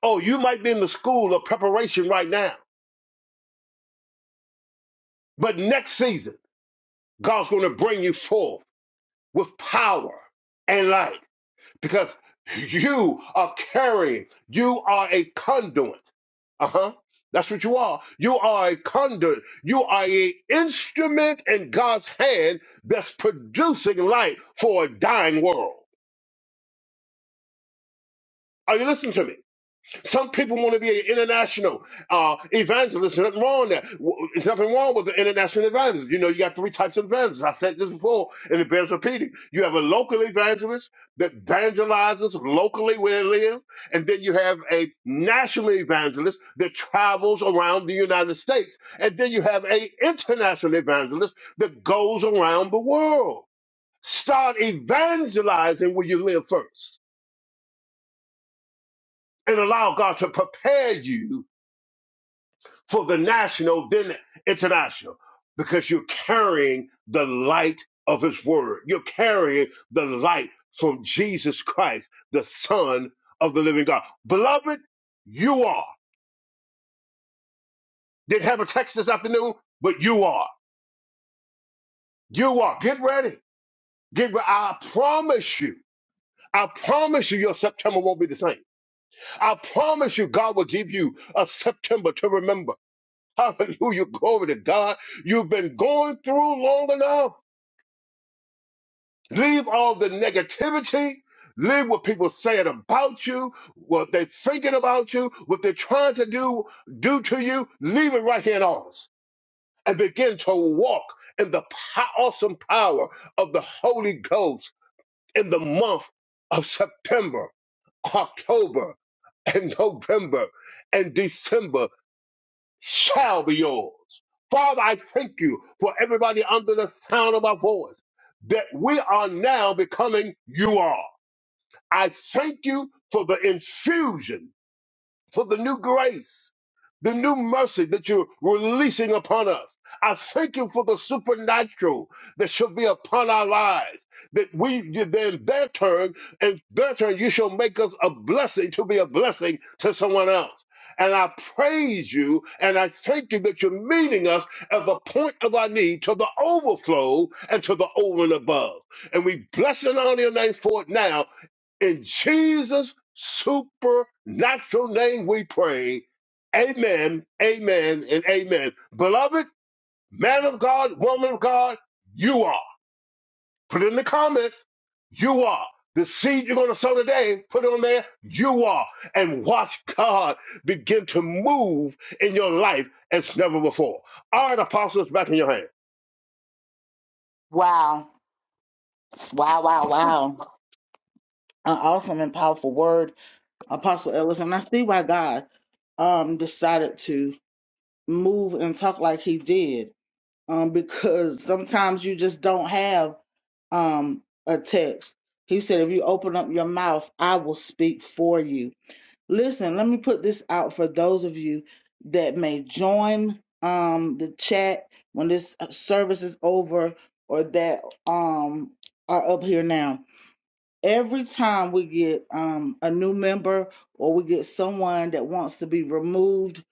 Speaker 2: Oh, you might be in the school of preparation right now, but next season, God's going to bring you forth with power and light. because you are carrying, you are a conduit. Uh huh. That's what you are. You are a conduit. You are an instrument in God's hand that's producing light for a dying world. Are you listening to me? Some people want to be an international uh, evangelist. There's nothing wrong with that. W- There's nothing wrong with the international evangelist. You know, you got three types of evangelists. I said this before, and it bears repeating. You have a local evangelist that evangelizes locally where they live, and then you have a national evangelist that travels around the United States, and then you have a international evangelist that goes around the world. Start evangelizing where you live first, and allow God to prepare you for the national, then international, because you're carrying the light of His Word. You're carrying the light from Jesus Christ, the Son of the Living God. Beloved, you are. Didn't have a text this afternoon, but you are. You are. Get ready. Get ready. I promise you. I promise you your September won't be the same. I promise you God will give you a September to remember. Hallelujah. Glory to God. You've been going through long enough. Leave all the negativity. Leave what people saying about you, what they're thinking about you, what they're trying to do do to you. Leave it right here in ours and begin to walk in the po- awesome power of the Holy Ghost in the month of September, October, and November and December shall be yours. Father, I thank you for everybody under the sound of my voice that we are now becoming you are. I thank you for the infusion for the new grace, the new mercy that you're releasing upon us. I thank you for the supernatural that shall be upon our lives. That we then their turn and their turn, you shall make us a blessing to be a blessing to someone else. And I praise you and I thank you that you're meeting us at the point of our need to the overflow and to the over and above. And we bless and honor your name for it now in Jesus' supernatural name we pray. Amen, amen, and amen. Beloved, man of God, woman of God, you are. Put it in the comments. You are. The seed you're going to sow today, put it on there. You are. And watch God begin to move in your life as never before. All right, apostles, back in your hand.
Speaker 1: Wow. Wow, wow, wow. An awesome and powerful word, Apostle Ellis. And I see why God um decided to move and talk like he did. Um, because sometimes you just don't have um a text. He said, if you open up your mouth, I will speak for you. Listen, let me put this out for those of you that may join um the chat when this uh, service is over or that um are up here now every time we get um, a new member or we get someone that wants to be removed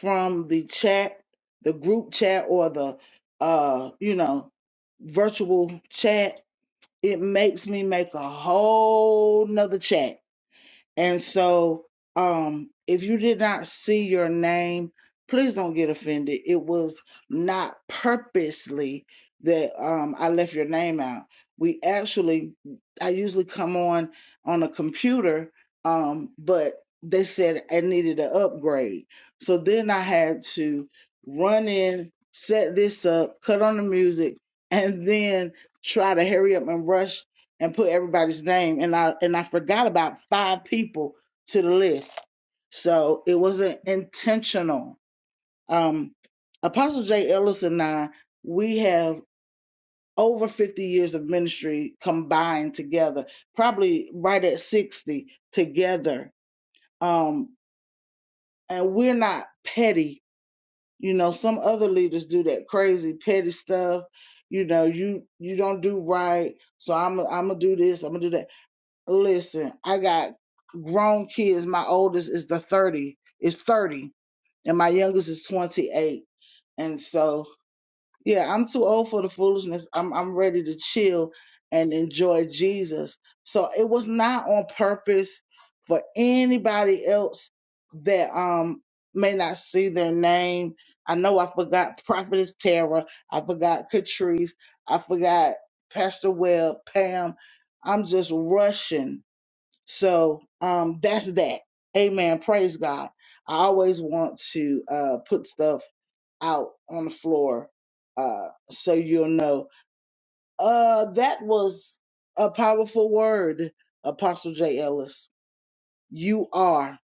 Speaker 1: from the chat, the group chat or the uh, you know virtual chat, it makes me make a whole nother chat and so, um, if you did not see your name, please don't get offended. It was not purposely that um, I left your name out. We actually, I usually come on on a computer, um, but they said I needed an upgrade. So then I had to run in, set this up, cut on the music, and then try to hurry up and rush and put everybody's name and I and I forgot about five people to the list. So it wasn't intentional. Um Apostle J. Ellis and I, we have over 50 years of ministry combined together, probably right at 60 together. Um and we're not petty. You know, some other leaders do that crazy petty stuff. You know, you you don't do right, so I'm I'm gonna do this, I'm gonna do that Listen, I got grown kids. My oldest is the 30, is 30, and my youngest is 28. And so, yeah, I'm too old for the foolishness. I'm I'm ready to chill and enjoy Jesus. So it was not on purpose for anybody else that um may not see their name. I know I forgot Prophetess Tara, I forgot Catrice, I forgot Pastor Webb, Pam. I'm just rushing so um, that's that. Amen. Praise God. I always want to uh, put stuff out on the floor uh, so you'll know. Uh, that was a powerful word, Apostle J. Ellis. You are.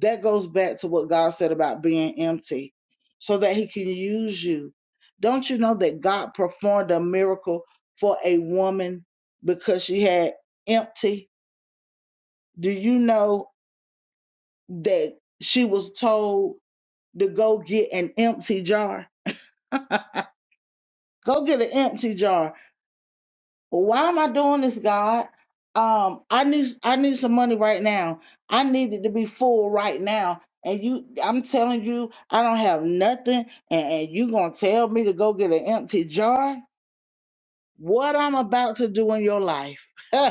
Speaker 1: That goes back to what God said about being empty so that He can use you. Don't you know that God performed a miracle for a woman because she had empty? Do you know? that she was told to go get an empty jar. Go get an empty jar. Why am I doing this, God? Um, I need I need some money right now. I need it to be full right now. And you, I'm telling you, I don't have nothing, and, and you gonna tell me to go get an empty jar? What I'm about to do in your life?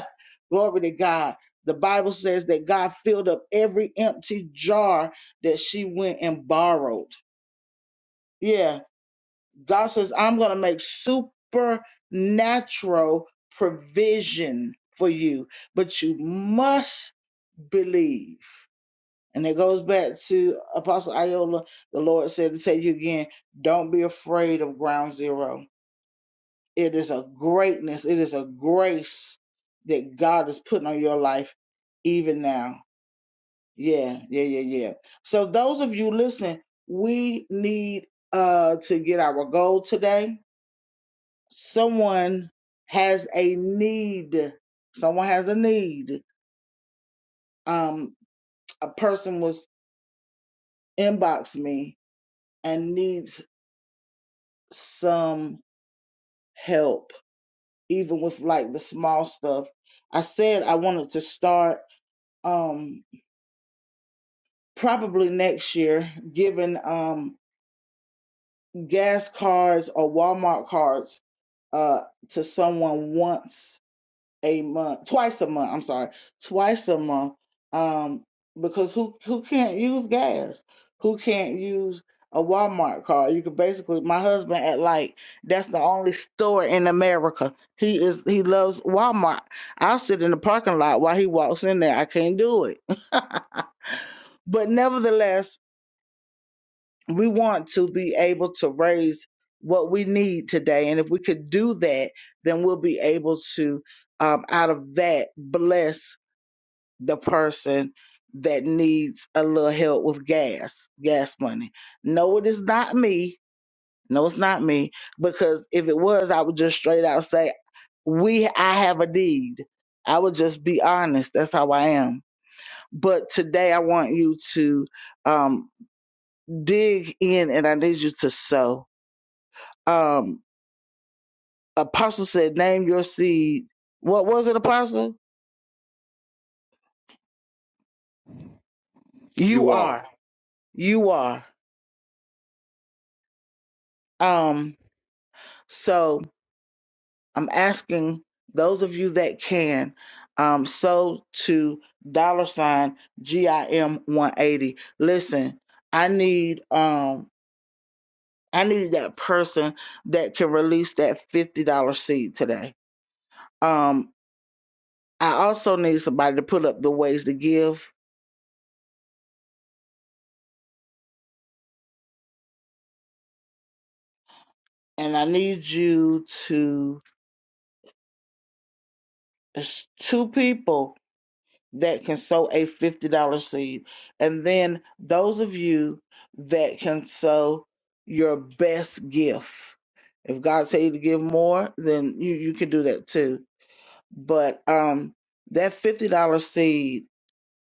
Speaker 1: Glory to God. The Bible says that God filled up every empty jar that she went and borrowed. Yeah, God says, I'm going to make supernatural provision for you, but you must believe. And it goes back to Apostle Iola. The Lord said to tell you again, don't be afraid of ground zero. It is a greatness, it is a grace that God is putting on your life even now. Yeah, yeah, yeah, yeah. So, those of you listening, we need uh, to get our goal today someone has a need someone has a need um a person was inbox me and needs some help even with like the small stuff i said i wanted to start um probably next year giving um gas cards or walmart cards uh to someone once a month, twice a month. I'm sorry, twice a month. Um, because who who can't use gas? Who can't use a Walmart card? You could basically. My husband at like that's the only store in America. He is he loves Walmart. I'll sit in the parking lot while he walks in there. I can't do it. but nevertheless, we want to be able to raise what we need today. And if we could do that, then we'll be able to, um, out of that, bless the person that needs a little help with gas, gas money. No, it is not me. No, it's not me. Because if it was, I would just straight out say, we, I have a need. I would just be honest. That's how I am. But today I want you to um, dig in and I need you to sow Um, Apostle said, "Name your seed." What was it, Apostle? You
Speaker 2: You are.
Speaker 1: are. You are. Um, so I'm asking those of you that can, um, so to dollar sign GIM 180. Listen, I need um I need that person that can release that fifty dollar seed today. Um, I also need somebody to put up the ways to give, and I need you to. It's two people that can sow a $50 seed. And then those of you that can sow your best gift. If God tell you to give more, then you, you can do that too. But um that $50 seed,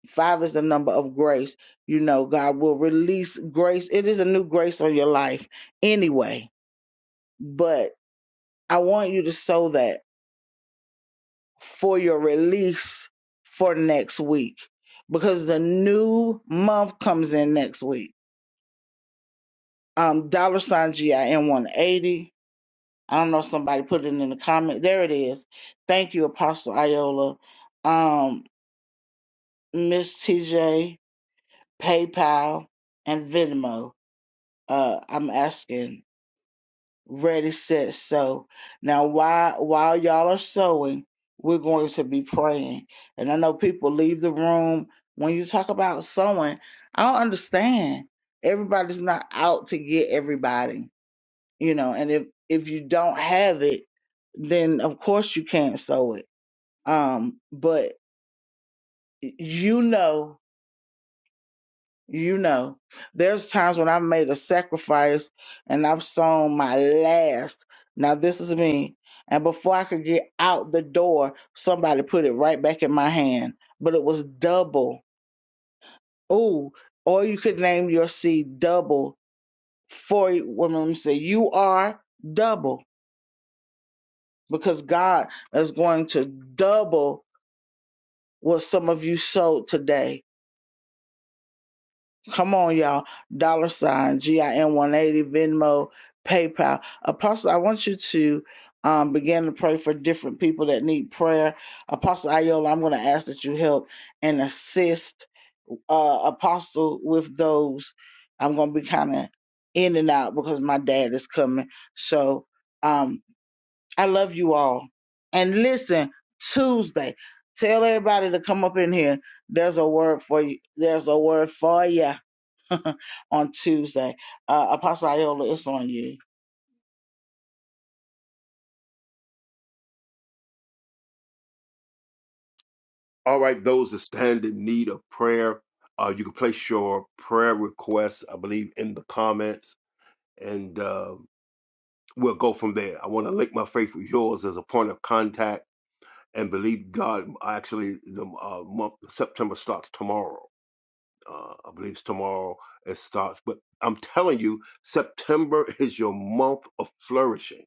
Speaker 1: five is the number of grace. You know, God will release grace. It is a new grace on your life anyway. But I want you to sow that for your release for next week because the new month comes in next week. Um, dollar sign GIN 180. I don't know if somebody put it in the comment. There it is. Thank you, Apostle Iola. Um, Miss TJ, PayPal, and Venmo. Uh, I'm asking. ready, set, sow. Now, while while y'all are sowing, we're going to be praying. And I know people leave the room when you talk about sowing. I don't understand. Everybody's not out to get everybody, you know. And if if you don't have it, then of course you can't sow it. Um, but you know You know, there's times when I've made a sacrifice and I've sown my last. Now, this is me. And before I could get out the door, somebody put it right back in my hand. But it was double. Ooh, or you could name your seed double for women. Let me say, you are double because God is going to double what some of you sowed today Come on, y'all. Dollar sign, GIN 180, Venmo, PayPal. Apostle, I want you to um, begin to pray for different people that need prayer. Apostle Ayola, I'm going to ask that you help and assist uh, Apostle with those. I'm going to be kind of in and out because my dad is coming. So um, I love you all. And listen, Tuesday, tell everybody to come up in here. There's a word for you. There's a word for you on Tuesday. Uh, Apostle Iola, it's on you.
Speaker 2: All right, those that stand in need of prayer, uh, you can place your prayer requests, I believe, in the comments, and uh, we'll go from there. I want to link my faith with yours as a point of contact and believe God. Actually, the uh, month September starts tomorrow. Uh, I believe it's tomorrow it starts, but I'm telling you, September is your month of flourishing.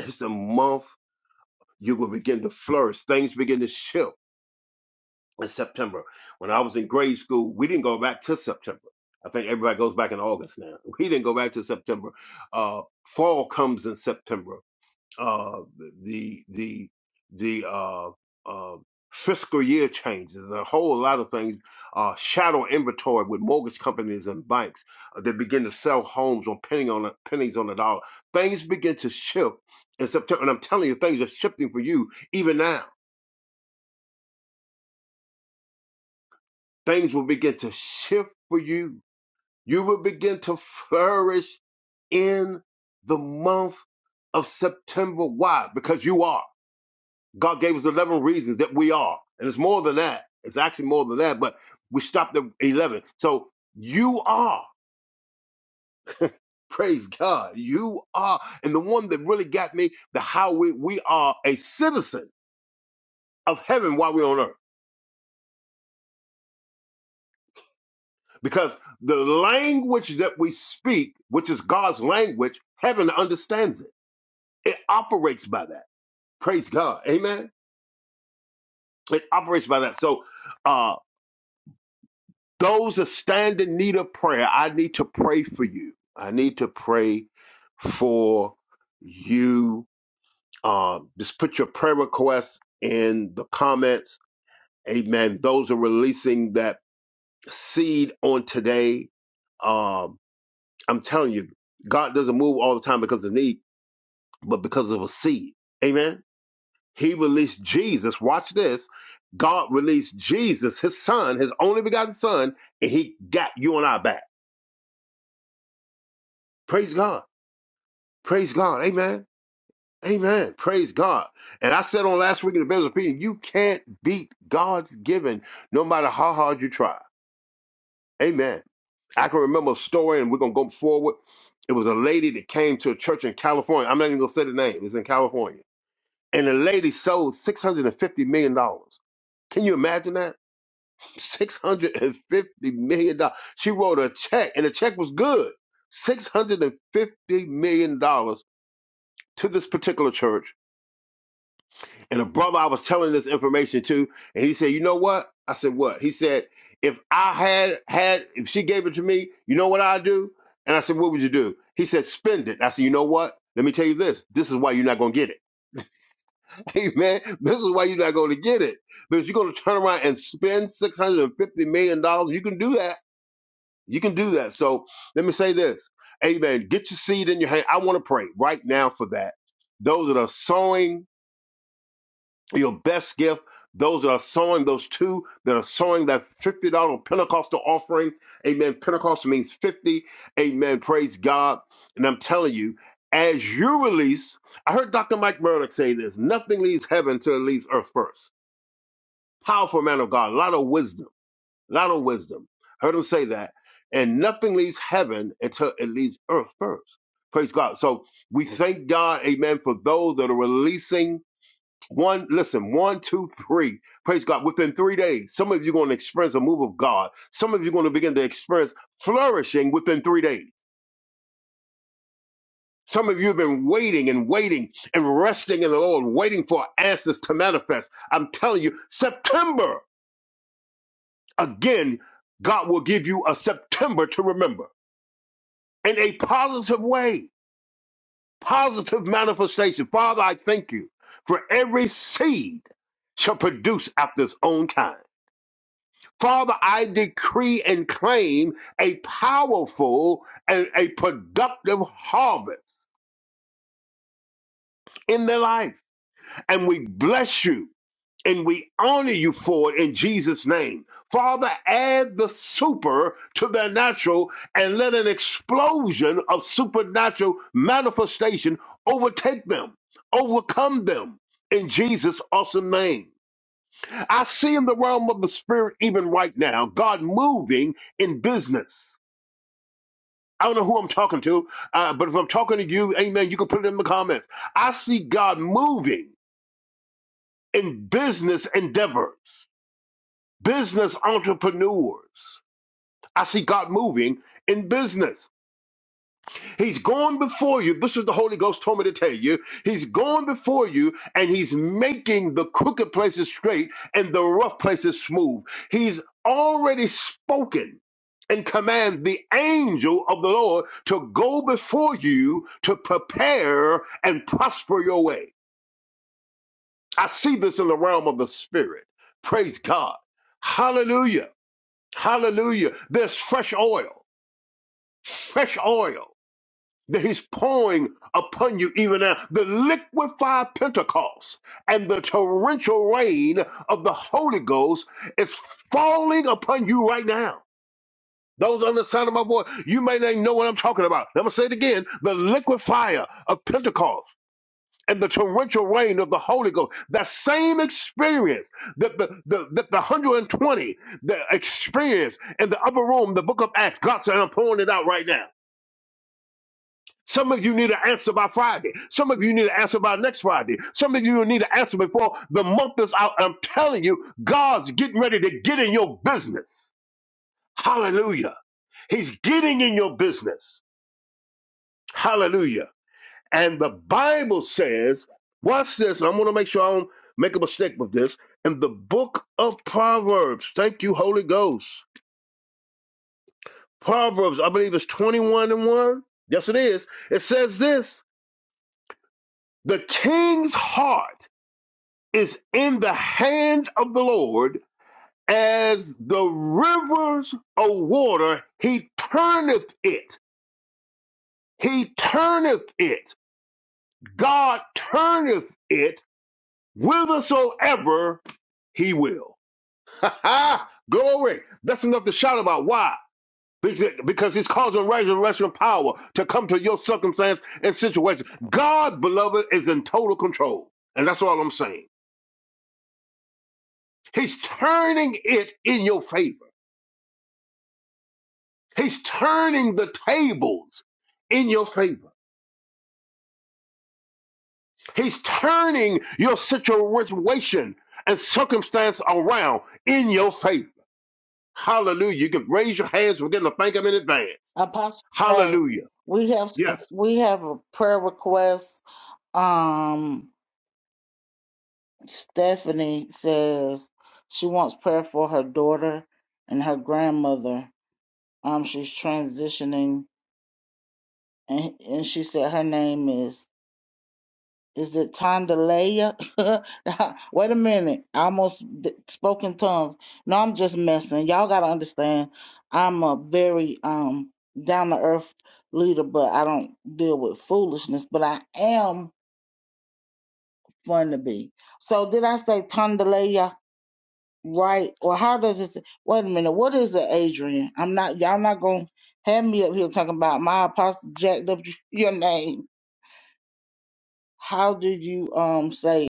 Speaker 2: It's the month you will begin to flourish. Things begin to shift in September. When I was in grade school, we didn't go back to September. I think everybody goes back in August now. We didn't go back to September. Uh, fall comes in September. Uh, the the the uh, uh, fiscal year changes a whole lot of things. Uh, shadow inventory with mortgage companies and banks uh, that begin to sell homes on penny on a, pennies on the dollar. Things begin to shift in September, and I'm telling you, things are shifting for you even now. Things will begin to shift for you You will begin to flourish in the month of September. Why? Because you are. God gave us 11 reasons that we are. And it's more than that. It's actually more than that, but we stopped at 11. So you are. Praise God. You are. And the one that really got me, the how we, we are a citizen of heaven while we're on earth. Because the language that we speak, which is God's language, heaven understands it. It operates by that. Praise God. Amen. It operates by that. So, uh, those that stand in need of prayer, I need to pray for you. I need to pray for you. Um, just put your prayer request in the comments. Amen. Those are releasing that seed on today. Um, I'm telling you, God doesn't move all the time because of need, but because of a seed. Amen. He released Jesus. Watch this. God released Jesus, his son, his only begotten son, and he got you and I back. Praise God. Praise God. Amen. Amen. Praise God. And I said on last week in the Bill's opinion, you can't beat God's giving no matter how hard you try. Amen. I can remember a story, and we're going to go forward. It was a lady that came to a church in California. I'm not even going to say the name. It's in California. And the lady sold $650 million. dollars. Can you imagine that? six hundred and fifty million dollars. She wrote a check, and the check was good, six hundred and fifty million dollars to this particular church. And a brother I was telling this information to, and he said, "You know what?" I said, "What?" He said, "If I had had, if she gave it to me, you know what I'd do?" And I said, "What would you do?" He said, "Spend it." I said, "You know what?" Let me tell you this. This is why you're not going to get it. Amen. This is why you're not going to get it. Because you're going to turn around and spend $650 million. dollars. You can do that You can do that. So let me say this. Amen. Get your seed in your hand. I want to pray right now for that. Those that are sowing your best gift, those that are sowing those two that are sowing that $50 Pentecostal offering. Amen. Pentecostal means 50. Amen. Praise God. And I'm telling you, as you release, I heard Dr. Mike Murdock say this nothing leaves heaven till it leaves earth first. Powerful man of God, a lot of wisdom not on wisdom. Heard him say that. And nothing leaves heaven until it leaves earth first. Praise God. So we thank God, amen, for those that are releasing one, listen, one, two, three. Praise God. Within three days, some of you are going to experience a move of God. Some of you are going to begin to experience flourishing within three days. Some of you have been waiting and waiting and resting in the Lord, waiting for answers to manifest. I'm telling you, September, again, God will give you a September to remember. in a positive way, positive manifestation. Father, I thank you for every seed shall produce after its own kind. Father, I decree and claim a powerful and a productive harvest in their life. And we bless you and we honor you for it in Jesus' name. Father, add the super to their natural and let an explosion of supernatural manifestation overtake them, overcome them in Jesus' awesome name. I see in the realm of the spirit even right now, God moving in business. I don't know who I'm talking to, uh, but if I'm talking to you, amen, you can put it in the comments. I see God moving in business endeavors. business entrepreneurs. I see God moving in business. He's going before you. This is what the Holy Ghost told me to tell you. He's going before you and he's making the crooked places straight and the rough places smooth. He's already spoken and command the angel of the Lord to go before you to prepare and prosper your way. I see this in the realm of the spirit. Praise God. Hallelujah. Hallelujah. There's fresh oil, fresh oil that he's pouring upon you even now. The liquefied Pentecost and the torrential rain of the Holy Ghost is falling upon you right now. Those on the sound of my voice, you may not know what I'm talking about. I'm going to say it again. The liquefier of Pentecost and the torrential rain of the Holy Ghost. That same experience that the, the, that the 120 the experience in the upper room, the book of Acts. God said, I'm pouring it out right now. Some of you need an answer by Friday. Some of you need an answer by next Friday. Some of you need an answer before the month is out. I'm telling you, God's getting ready to get in your business. Hallelujah. He's getting in your business. Hallelujah. And the Bible says, watch this, and I'm going to make sure I don't make a mistake with this. In the book of Proverbs, thank you, Holy Ghost. Proverbs, I believe it's 21 and 1. Yes, it is. It says this The king's heart is in the hand of the Lord, as the rivers of water, he turneth it. He turneth it. God turneth it whithersoever he will. Ha ha! Glory. That's enough to shout about. Why? Because because he's causing resurrection power to come to your circumstance and situation. God, beloved, is in total control. And that's all I'm saying. He's turning it in your favor. He's turning the tables in your favor. He's turning your situation and circumstance around in your favor. Hallelujah. You can raise your hands. We're getting a thank him in advance.
Speaker 1: Apostle, hey,
Speaker 2: Hallelujah.
Speaker 1: we have some,
Speaker 2: Yes.
Speaker 1: we have a prayer request. Um, Stephanie says she wants prayer for her daughter and her grandmother. Um, she's transitioning, and and she said her name is Is it Tondalea? Wait a minute. I almost d- spoke in tongues. No, I'm just messing. Y'all got to understand, I'm a very um down to earth leader, but I don't deal with foolishness, but I am fun to be. So, did I say Tondalea right? Or how does it? Wait a minute. What is it, Adrian? I'm not, y'all not going to have me up here talking about my apostle jacked up your name. How do you um say it?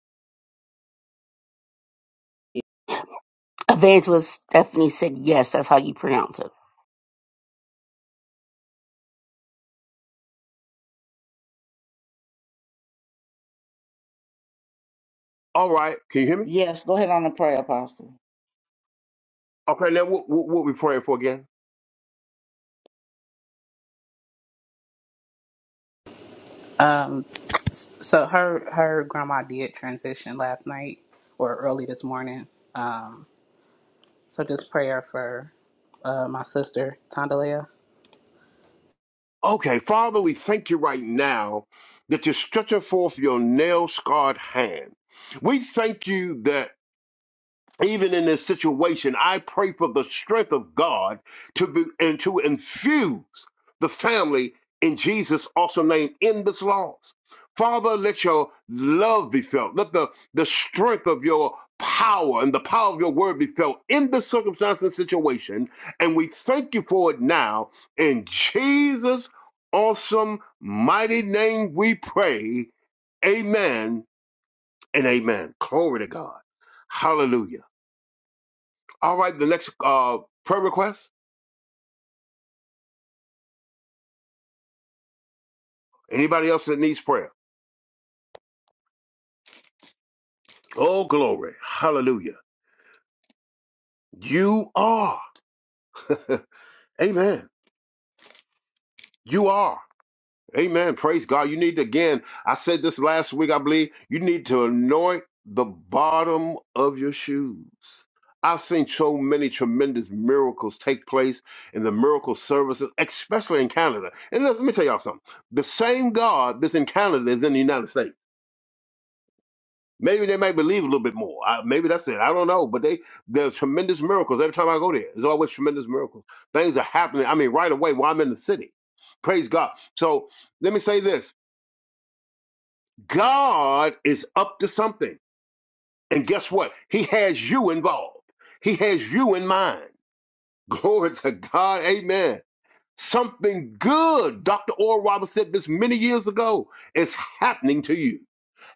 Speaker 3: Evangelist Stephanie said, Yes, that's how you pronounce it.
Speaker 2: All right. Can you hear me?
Speaker 1: Yes, go ahead on the prayer, Apostle.
Speaker 2: Okay. Now, what, what, what we praying for again?
Speaker 4: Um, so her her grandma did transition last night or early this morning. Um, so just prayer for uh, my sister Tondalea.
Speaker 2: Okay. Father, we thank you right now that you're stretching forth your nail scarred hand. We thank you that. even in this situation, I pray for the strength of God to be and to infuse the family in Jesus' awesome name in this loss. Father, let your love be felt. Let the, the strength of your power and the power of your word be felt in this circumstance and situation. And we thank you for it now. In Jesus' awesome, mighty name we pray. Amen and amen. Glory to God. Hallelujah. All right, the next uh, prayer request. Anybody else that needs prayer? Oh, glory. Hallelujah. You are. Amen. You are. Amen. Praise God. You need to, again, I said this last week, I believe, you need to anoint the bottom of your shoes. I've seen so many tremendous miracles take place in the miracle services, especially in Canada. And let let me tell y'all something. The same God that's in Canada is in the United States. Maybe they might believe a little bit more. I, maybe that's it. I don't know. But they there's tremendous miracles every time I go there. There's always tremendous miracles. Things are happening. I mean, right away while I'm in the city. Praise God. So let me say this: God is up to something, and guess what? He has you involved. He has you in mind. Glory to God. Amen. Something good, Dr. Oral Roberts said this many years ago, is happening to you.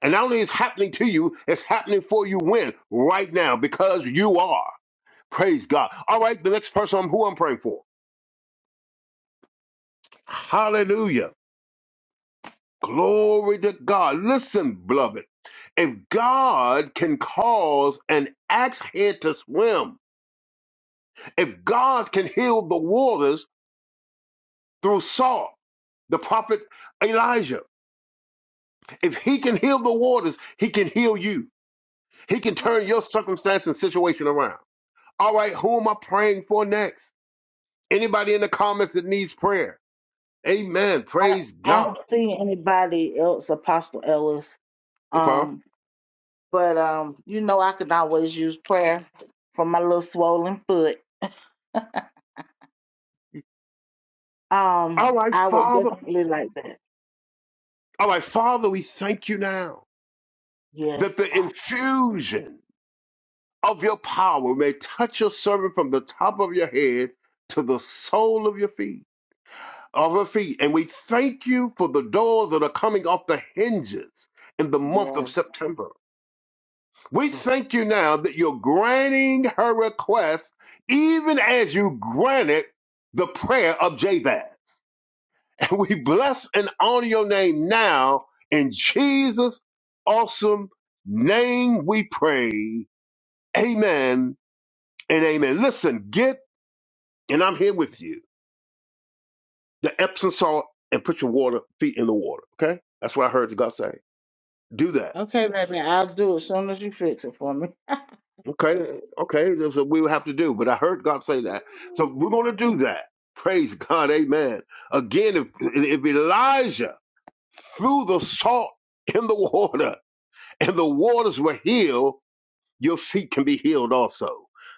Speaker 2: And not only is it happening to you, it's happening for you when? Right now, because you are. Praise God. All right, the next person I'm who I'm praying for. Hallelujah. Glory to God. Listen, beloved. If God can cause an axe head to swim, if God can heal the waters through salt, the prophet Elijah, if he can heal the waters, he can heal you. He can turn your circumstance and situation around. All right, who am I praying for next? Anybody in the comments that needs prayer? Amen.
Speaker 1: I don't,
Speaker 2: Praise
Speaker 1: I don't
Speaker 2: God.
Speaker 1: see anybody else, Apostle Ellis.
Speaker 2: Okay.
Speaker 1: Um, but um, you know, I can always use prayer for my little swollen foot. Um,
Speaker 2: All right,
Speaker 1: I would
Speaker 2: Father.
Speaker 1: definitely like that.
Speaker 2: All right, Father, we thank you now that
Speaker 1: Yes,
Speaker 2: the
Speaker 1: Father.
Speaker 2: infusion of your power may touch your servant from the top of your head to the sole of your feet, of her feet. And we thank you for the doors that are coming off the hinges in the month of
Speaker 1: Yes.
Speaker 2: September. We thank you now that you're granting her request even as you granted the prayer of Jabez. And we bless and honor your name now in Jesus' awesome name we pray. Amen and amen. Listen, get, and I'm here with you, the Epsom salt and put your water feet in the water, okay? That's what I heard God say. Do that
Speaker 1: Okay, baby, I'll do it as soon as you fix it for me.
Speaker 2: Okay, okay, that's what we would have to do. But I heard God say that, so we're going to do that. Praise God, Amen. Again, if, if Elijah threw the salt in the water and the waters were healed, your feet can be healed also.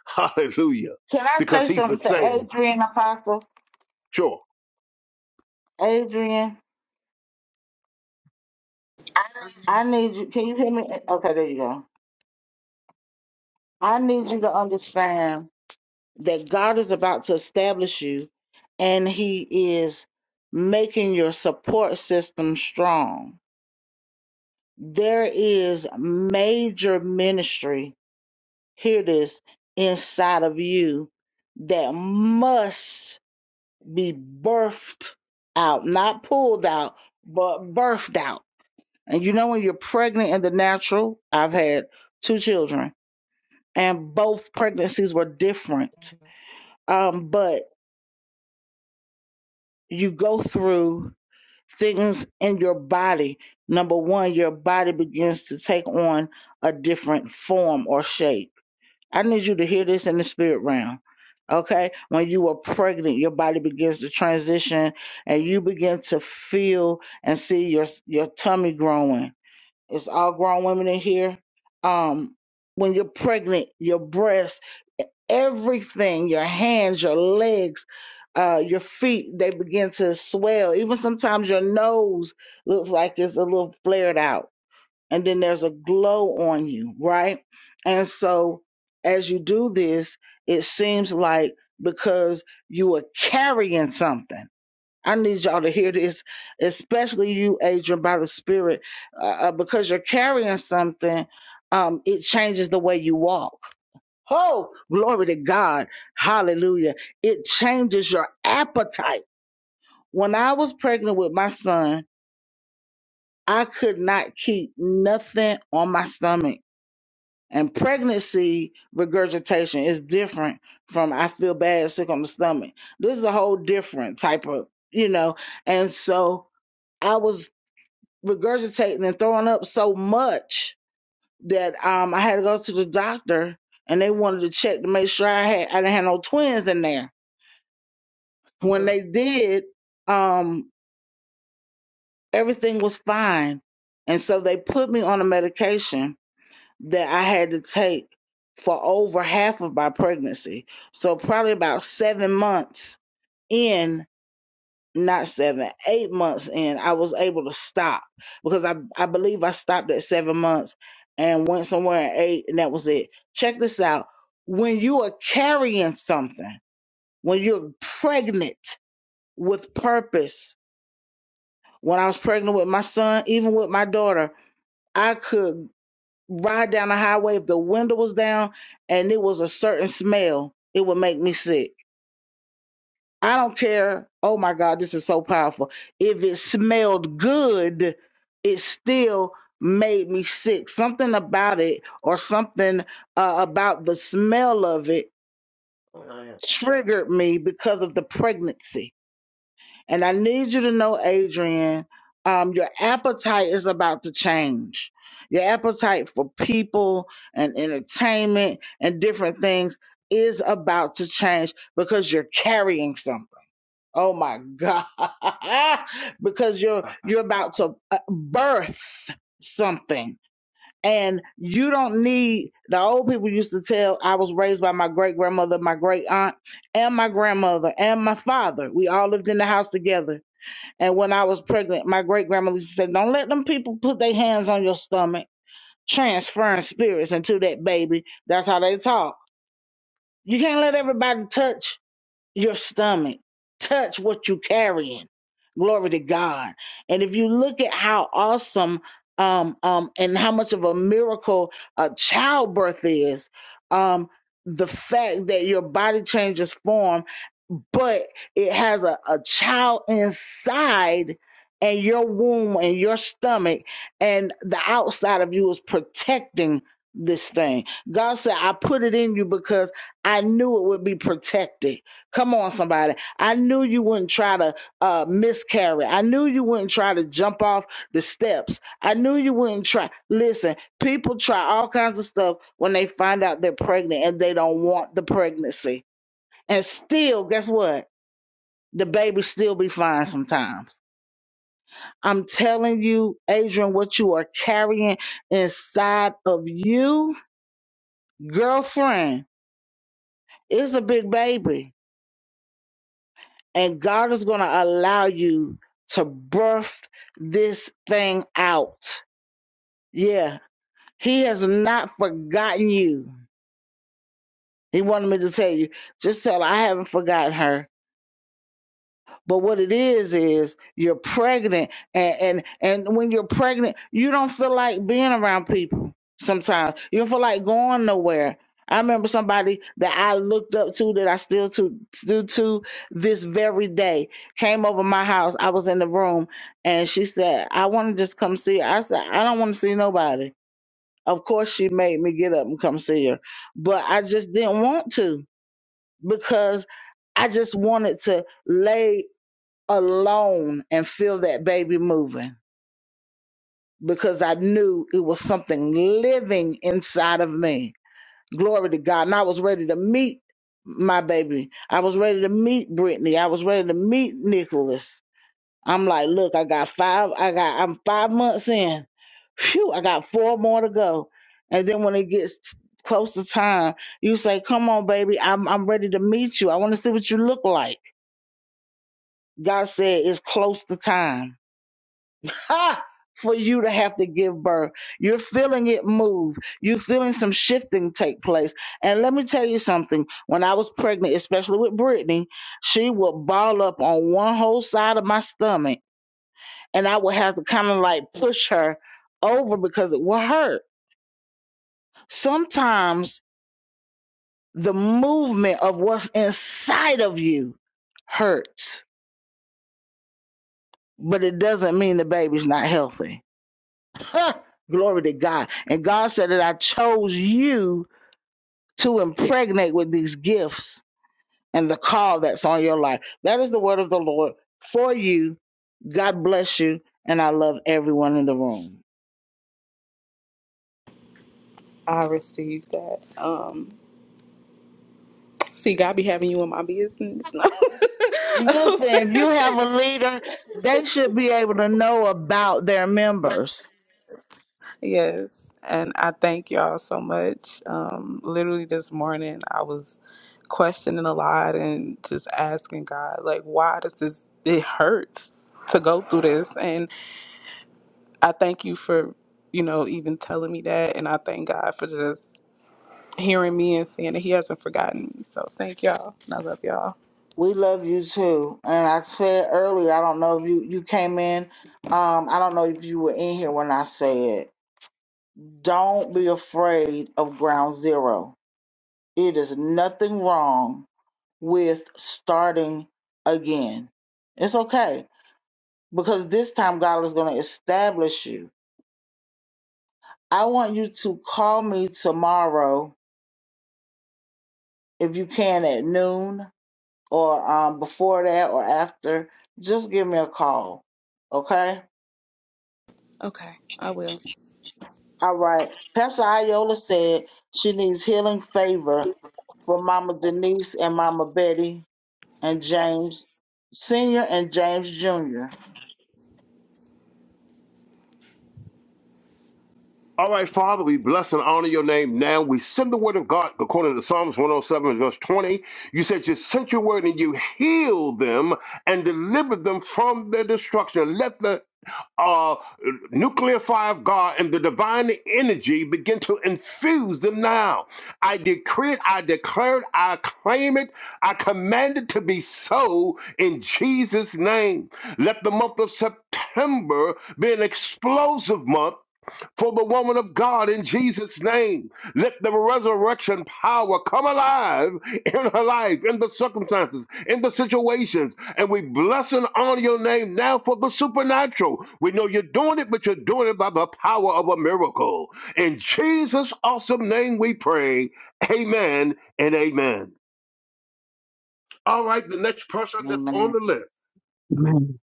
Speaker 2: Hallelujah,
Speaker 1: Can I
Speaker 2: because
Speaker 1: say
Speaker 2: He's the
Speaker 1: something to
Speaker 2: same.
Speaker 1: Adrian Apostle?
Speaker 2: Sure.
Speaker 1: Adrian, I need you. Can you hear me? Okay, there you go. I need you to understand. that God is about to establish you and He is making your support system strong. There is major ministry, hear this, inside of you that must be birthed out, not pulled out, but birthed out. And you know, when you're pregnant in the natural, I've had two children, and both pregnancies were different. Um, but you go through things in your body, number one, your body begins to take on a different form or shape. I need you to hear this in the spirit realm. Okay, when you are pregnant, your body begins to transition and you begin to feel and see your your tummy growing it's all grown women in here. Um, when you're pregnant, your breasts, everything, your hands, your legs, uh, your feet, they begin to swell. Even sometimes your nose looks like it's a little flared out. And then there's a glow on you, right? And so as you do this, it seems like because you are carrying something I need y'all to hear this, especially you, Adrian, by the Spirit, uh, uh, because you're carrying something. Um, it changes the way you walk. Oh, glory to God. Hallelujah. It changes your appetite. When I was pregnant with my son, I could not keep nothing on my stomach. And pregnancy regurgitation is different from I feel bad, sick on the stomach. This is a whole different type of, you know, and so. I was. regurgitating and throwing up so much that um I had to go to the doctor and they wanted to check to make sure I had I didn't have no twins in there. When
Speaker 2: Uh,
Speaker 1: they did, um everything was fine. And so they put me on a medication that I had to take for over half of my pregnancy. So probably about 7 months in. not seven, eight months in, I was able to stop because I, I believe I stopped at seven months and went somewhere at eight, and that was it. Check this out. When you are carrying something, when you're pregnant with purpose, when I was pregnant with my son, even with my daughter, I could ride down the highway if the window was down and it was a certain smell, it would make me sick I don't care. Oh my God, this is so powerful. If it smelled good, it still made me sick. Something about it or something uh, about the smell of it
Speaker 2: I
Speaker 1: triggered me because of the pregnancy. And I need you to know, Adrian, um, your appetite is about to change. Your appetite for people and entertainment and different things is about to change because you're carrying something Oh my God. because you're
Speaker 2: am.
Speaker 1: you're about to uh, birth something and you don't need the old people used to tell I was raised by my great grandmother, my great aunt, and my grandmother and my father. We all lived in the house together. And when I was pregnant, my great grandmother used to say, Don't let them people put their hands on your stomach, transferring spirits into that baby. That's how they talk. You can't let everybody touch your stomach. Touch what you carrying. Glory to God. And if you look at how awesome um, um, and how much of a miracle uh, childbirth is, um, the fact that your body changes form, but it has a, a child inside and your womb and your stomach and the outside of you is protecting this thing. God said, I put it in you because I knew it would be protected. Come on, somebody. I knew you wouldn't try to uh, miscarry. I knew you wouldn't try to jump off the steps. I knew you wouldn't try. Listen, people try all kinds of stuff when they find out they're pregnant and they don't want the pregnancy. And still, guess what? The baby still be fine sometimes. I'm telling you, Adrian, what you are carrying inside of you, girlfriend, is a big baby and God is going to allow you to birth this thing out. Yeah, He has not forgotten you. He wanted me to tell you, just tell her I haven't forgotten her. But what it is is you're pregnant, and and, and when you're pregnant, you don't feel like being around people. Sometimes you don't feel like going nowhere. I remember somebody that I looked up to that I still to still to this very day came over my house. I was in the room and she said, I want to just come see her. I said, I don't want to see nobody. Of course she made me get up and come see her. But I just didn't want to because I just wanted to lay alone and feel that baby moving because I knew it was something living inside of me. Glory to God. And I was ready to meet my baby. I was ready to meet Brittany. I was ready to meet Nicholas. I'm like, look, I got five, I got, I'm five months in. Phew, I got four more to go. And then when it gets close to time, you say, come on, baby, I'm, I'm ready to meet you. I want to see what you look like. God said, it's close to time Ha! for you to have to give birth. You're feeling it move. You're feeling some shifting take place. And let me tell you something. When I was pregnant, especially with Brittany, she would ball up on one whole side of my stomach, and I would have to kind of like push her over because it would hurt. Sometimes the movement of what's inside of you hurts, but it doesn't mean the baby's not healthy Glory to God. And God said that I chose you to impregnate with these gifts and the call that's on your life. That is the word of the Lord for you. God bless you. And I love everyone in the room.
Speaker 4: I received that. Um, see, God be having you in my business.
Speaker 1: Listen, if you have a leader, they should be able to know about their members.
Speaker 4: yes, and I thank y'all so much. Um, literally this morning, I was questioning a lot and just asking God, like, why does this? It hurts to go through this, and. I thank you for, you know, even telling me that. And I thank God for just hearing me and seeing that He hasn't forgotten me. So thank y'all. And I love y'all.
Speaker 1: We love you too. And I said earlier, I don't know if you, you came in. Um, I don't know if you were in here when I said, don't be afraid of ground zero It is nothing wrong with starting again. It's okay because this time God is going to establish you. I want you to call me tomorrow if you can at noon or um, before that or after. Just give me a call. Okay?
Speaker 4: Okay, I will.
Speaker 1: All right. Pastor Iola said she needs healing favor for Mama Denise and Mama Betty and James Sr. and James Jr.
Speaker 2: All right, Father, we bless and honor your name now. We send the word of God according to Psalms 107, verse 20. You said you sent your word and you healed them and delivered them from their destruction. Let the uh, nuclear fire of God and the divine energy begin to infuse them now. I decree it, I declare it, I claim it, I command it to be so in Jesus' name. Let the month of September be an explosive month for the woman of God in Jesus' name. Let the resurrection power come alive in her life, in the circumstances, in the situations. And we bless and honor your name now for the supernatural. We know you're doing it, but you're doing it by the power of a miracle. In Jesus' awesome name we pray. Amen and amen. All right, the next person that's
Speaker 1: Amen.
Speaker 2: on the list.
Speaker 3: Amen.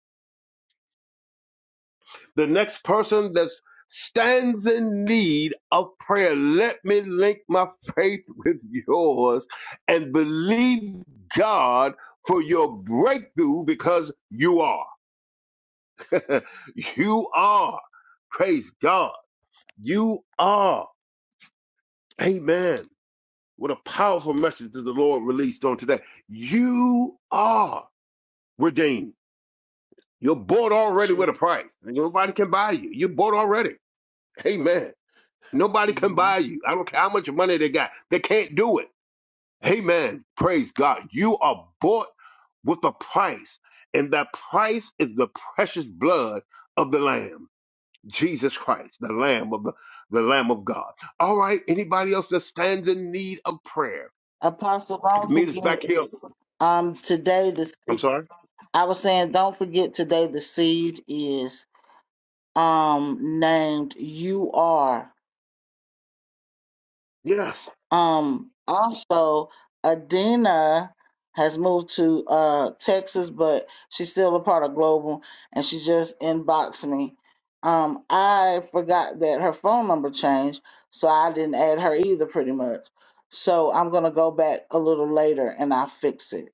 Speaker 2: The next person that stands in need of prayer, let me link my faith with yours and believe God for your breakthrough because you are. you are. Praise God. You are. Amen. What a powerful message that the Lord released on today. You are redeemed. You're bought already
Speaker 1: She,
Speaker 2: with a price. Nobody can buy you. You're bought already. Amen. Nobody can
Speaker 1: hmm
Speaker 2: buy you. I don't care how much money they got. They can't do it. Amen. Praise God. You are bought with a price, and that price is the precious blood of the Lamb, Jesus Christ, the Lamb of the, the Lamb of God. All right. Anybody else that stands in need of prayer?
Speaker 1: Apostle,
Speaker 2: You
Speaker 1: don't
Speaker 2: can meet us
Speaker 1: forget
Speaker 2: back here.
Speaker 1: um today the
Speaker 2: I'm
Speaker 1: seed.
Speaker 2: sorry.
Speaker 1: I was saying, don't forget today the seed is um named. You are.
Speaker 2: Yes.
Speaker 1: Um, also, Adina has moved to uh, Texas, but she's still a part of Global, and she just inboxed me. Um, I forgot that her phone number changed, so I didn't add her either, pretty much. So I'm gonna go back a little later and I'll fix it.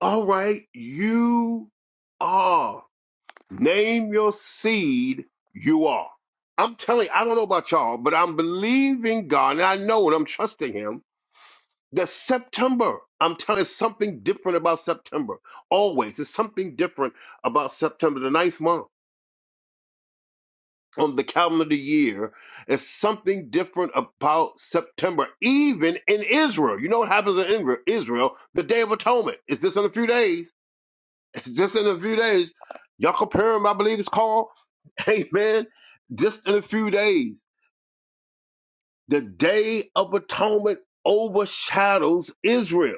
Speaker 2: All right. You are. Name your seed you are. I'm telling you, I don't know about y'all, but I'm believing God and I know it. I'm trusting Him that September, I'm telling you, something different about September. Always, there's something different about September, the ninth month on the calendar year. There's something different about September, even in Israel. You know what happens in Ingra- Israel? The Day of Atonement. Is this in a few days? Just in a few days, Yom Purim, I believe it's called. Amen. Just in a few days, the Day of Atonement overshadows Israel.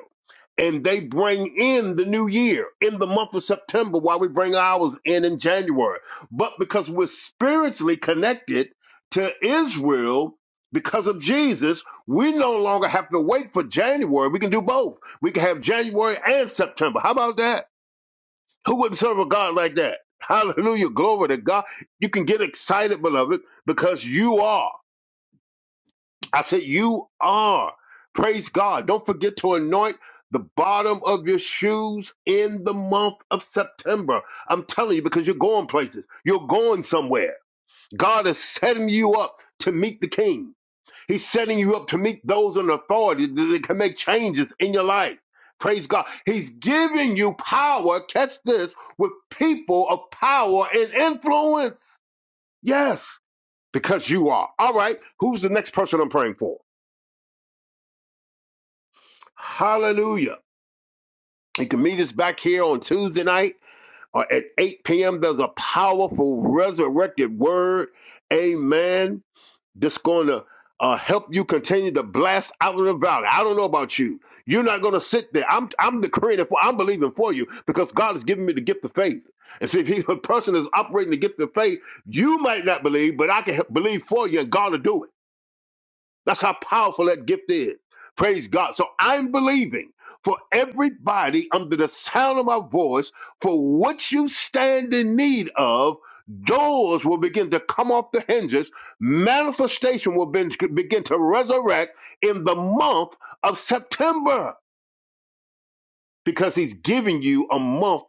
Speaker 2: And they bring in the new year in the month of September while we bring ours in in January. But because we're spiritually connected to Israel because of Jesus, we no longer have to wait for January. We can do both. We can have January and September. How about that? Who wouldn't serve a God like that? Hallelujah. Glory to God. You can get excited, beloved, because you are. I said, you are. Praise God. Don't forget to anoint the bottom of your shoes in the month of September. I'm telling you, because you're going places, you're going somewhere. God is setting you up to meet the King. He's setting you up to meet those in authority that can make changes in your life. Praise God. He's giving you power, catch this, with people of power and influence. Yes, because you are. All right, who's the next person I'm praying for? Hallelujah. You can meet us back here on Tuesday night or at 8 p.m. There's a powerful resurrected word. Amen. that's going to uh, help you continue to blast out of the valley. I don't know about you. You're not going to sit there. I'm I'm decreeing it for. I'm believing for you because God has given me the gift of faith. And see, if he's a person is operating the gift of faith, you might not believe, but I can he- believe for you, and God will do it. That's how powerful that gift is. Praise God. So I'm believing for everybody under the sound of my voice, for what you stand in need of, doors will begin to come off the hinges. Manifestation will be- begin to resurrect in the month of September because he's giving you a month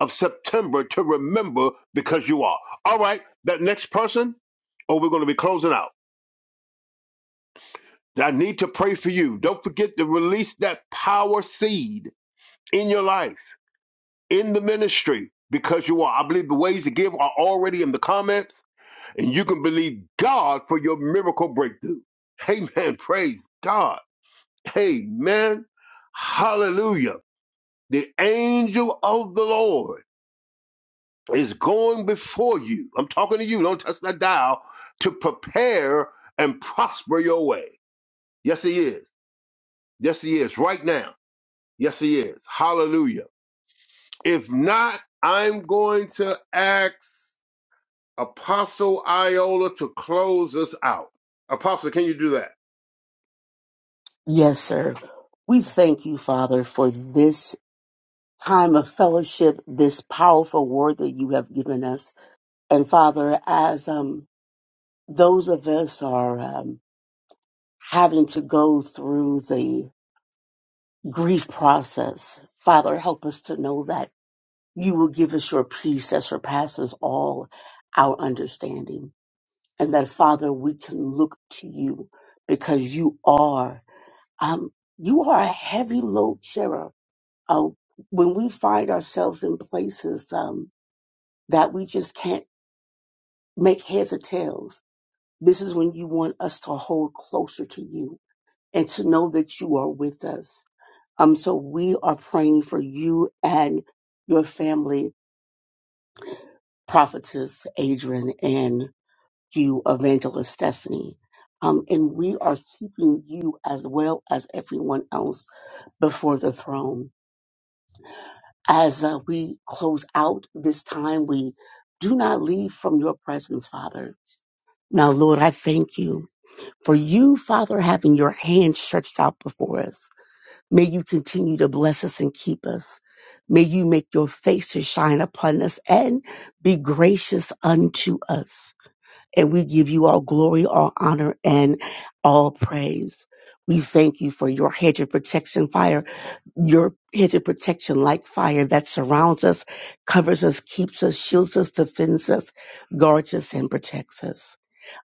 Speaker 2: of September to remember because you are. All right, that next person, or we're going to be closing out. I need to pray for you. Don't forget to release that power seed in your life, in the ministry, because you are. I believe the ways to give are already in the comments, and you can believe God for your miracle breakthrough. Amen. Praise God. Amen. Hallelujah. The angel of the Lord is going before you. I'm talking to you. Don't touch that dial to prepare and prosper your way. Yes, he is. Yes, he is. Right now. Yes, he is. Hallelujah. If not, I'm going to ask Apostle Iola to close us out. Apostle, can you do that?
Speaker 3: Yes, sir. We thank you, Father, for this time of fellowship, this powerful word that you have given us. And Father, as um, those of us are um, having to go through the grief process, Father, help us to know that you will give us your peace that surpasses all our understanding. And that, Father, we can look to you because you are. um, you are a heavy load sharer. Uh, when we find ourselves in places um, that we just can't make heads or tails, this is when you want us to hold closer to you and to know that you are with us. Um, so we are praying for you and your family, prophetess Adrian and you, evangelist Stephanie. Um, and we are keeping you as well as everyone else before the throne. as uh, we close out this time, we do not leave from your presence, Father. Now, Lord, I thank you for you, Father, having your hand stretched out before us. May you continue to bless us and keep us. May you make your face to shine upon us and be gracious unto us. And we give you all glory, all honor, and all praise. We thank you for your hedge of protection fire your hedge of protection like fire that surrounds us, covers us, keeps us, shields us, defends us, guards us, and protects us.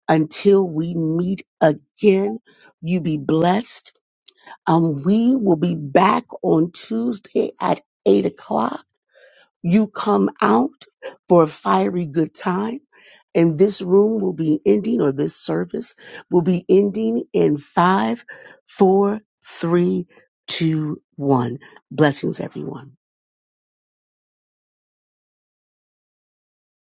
Speaker 3: Until we meet again, you be blessed. Um, we will be back on Tuesday at 8 o'clock you come out for a fiery good time. And this room will be ending, or this service will be ending in five, four, three, two, one. Blessings, everyone.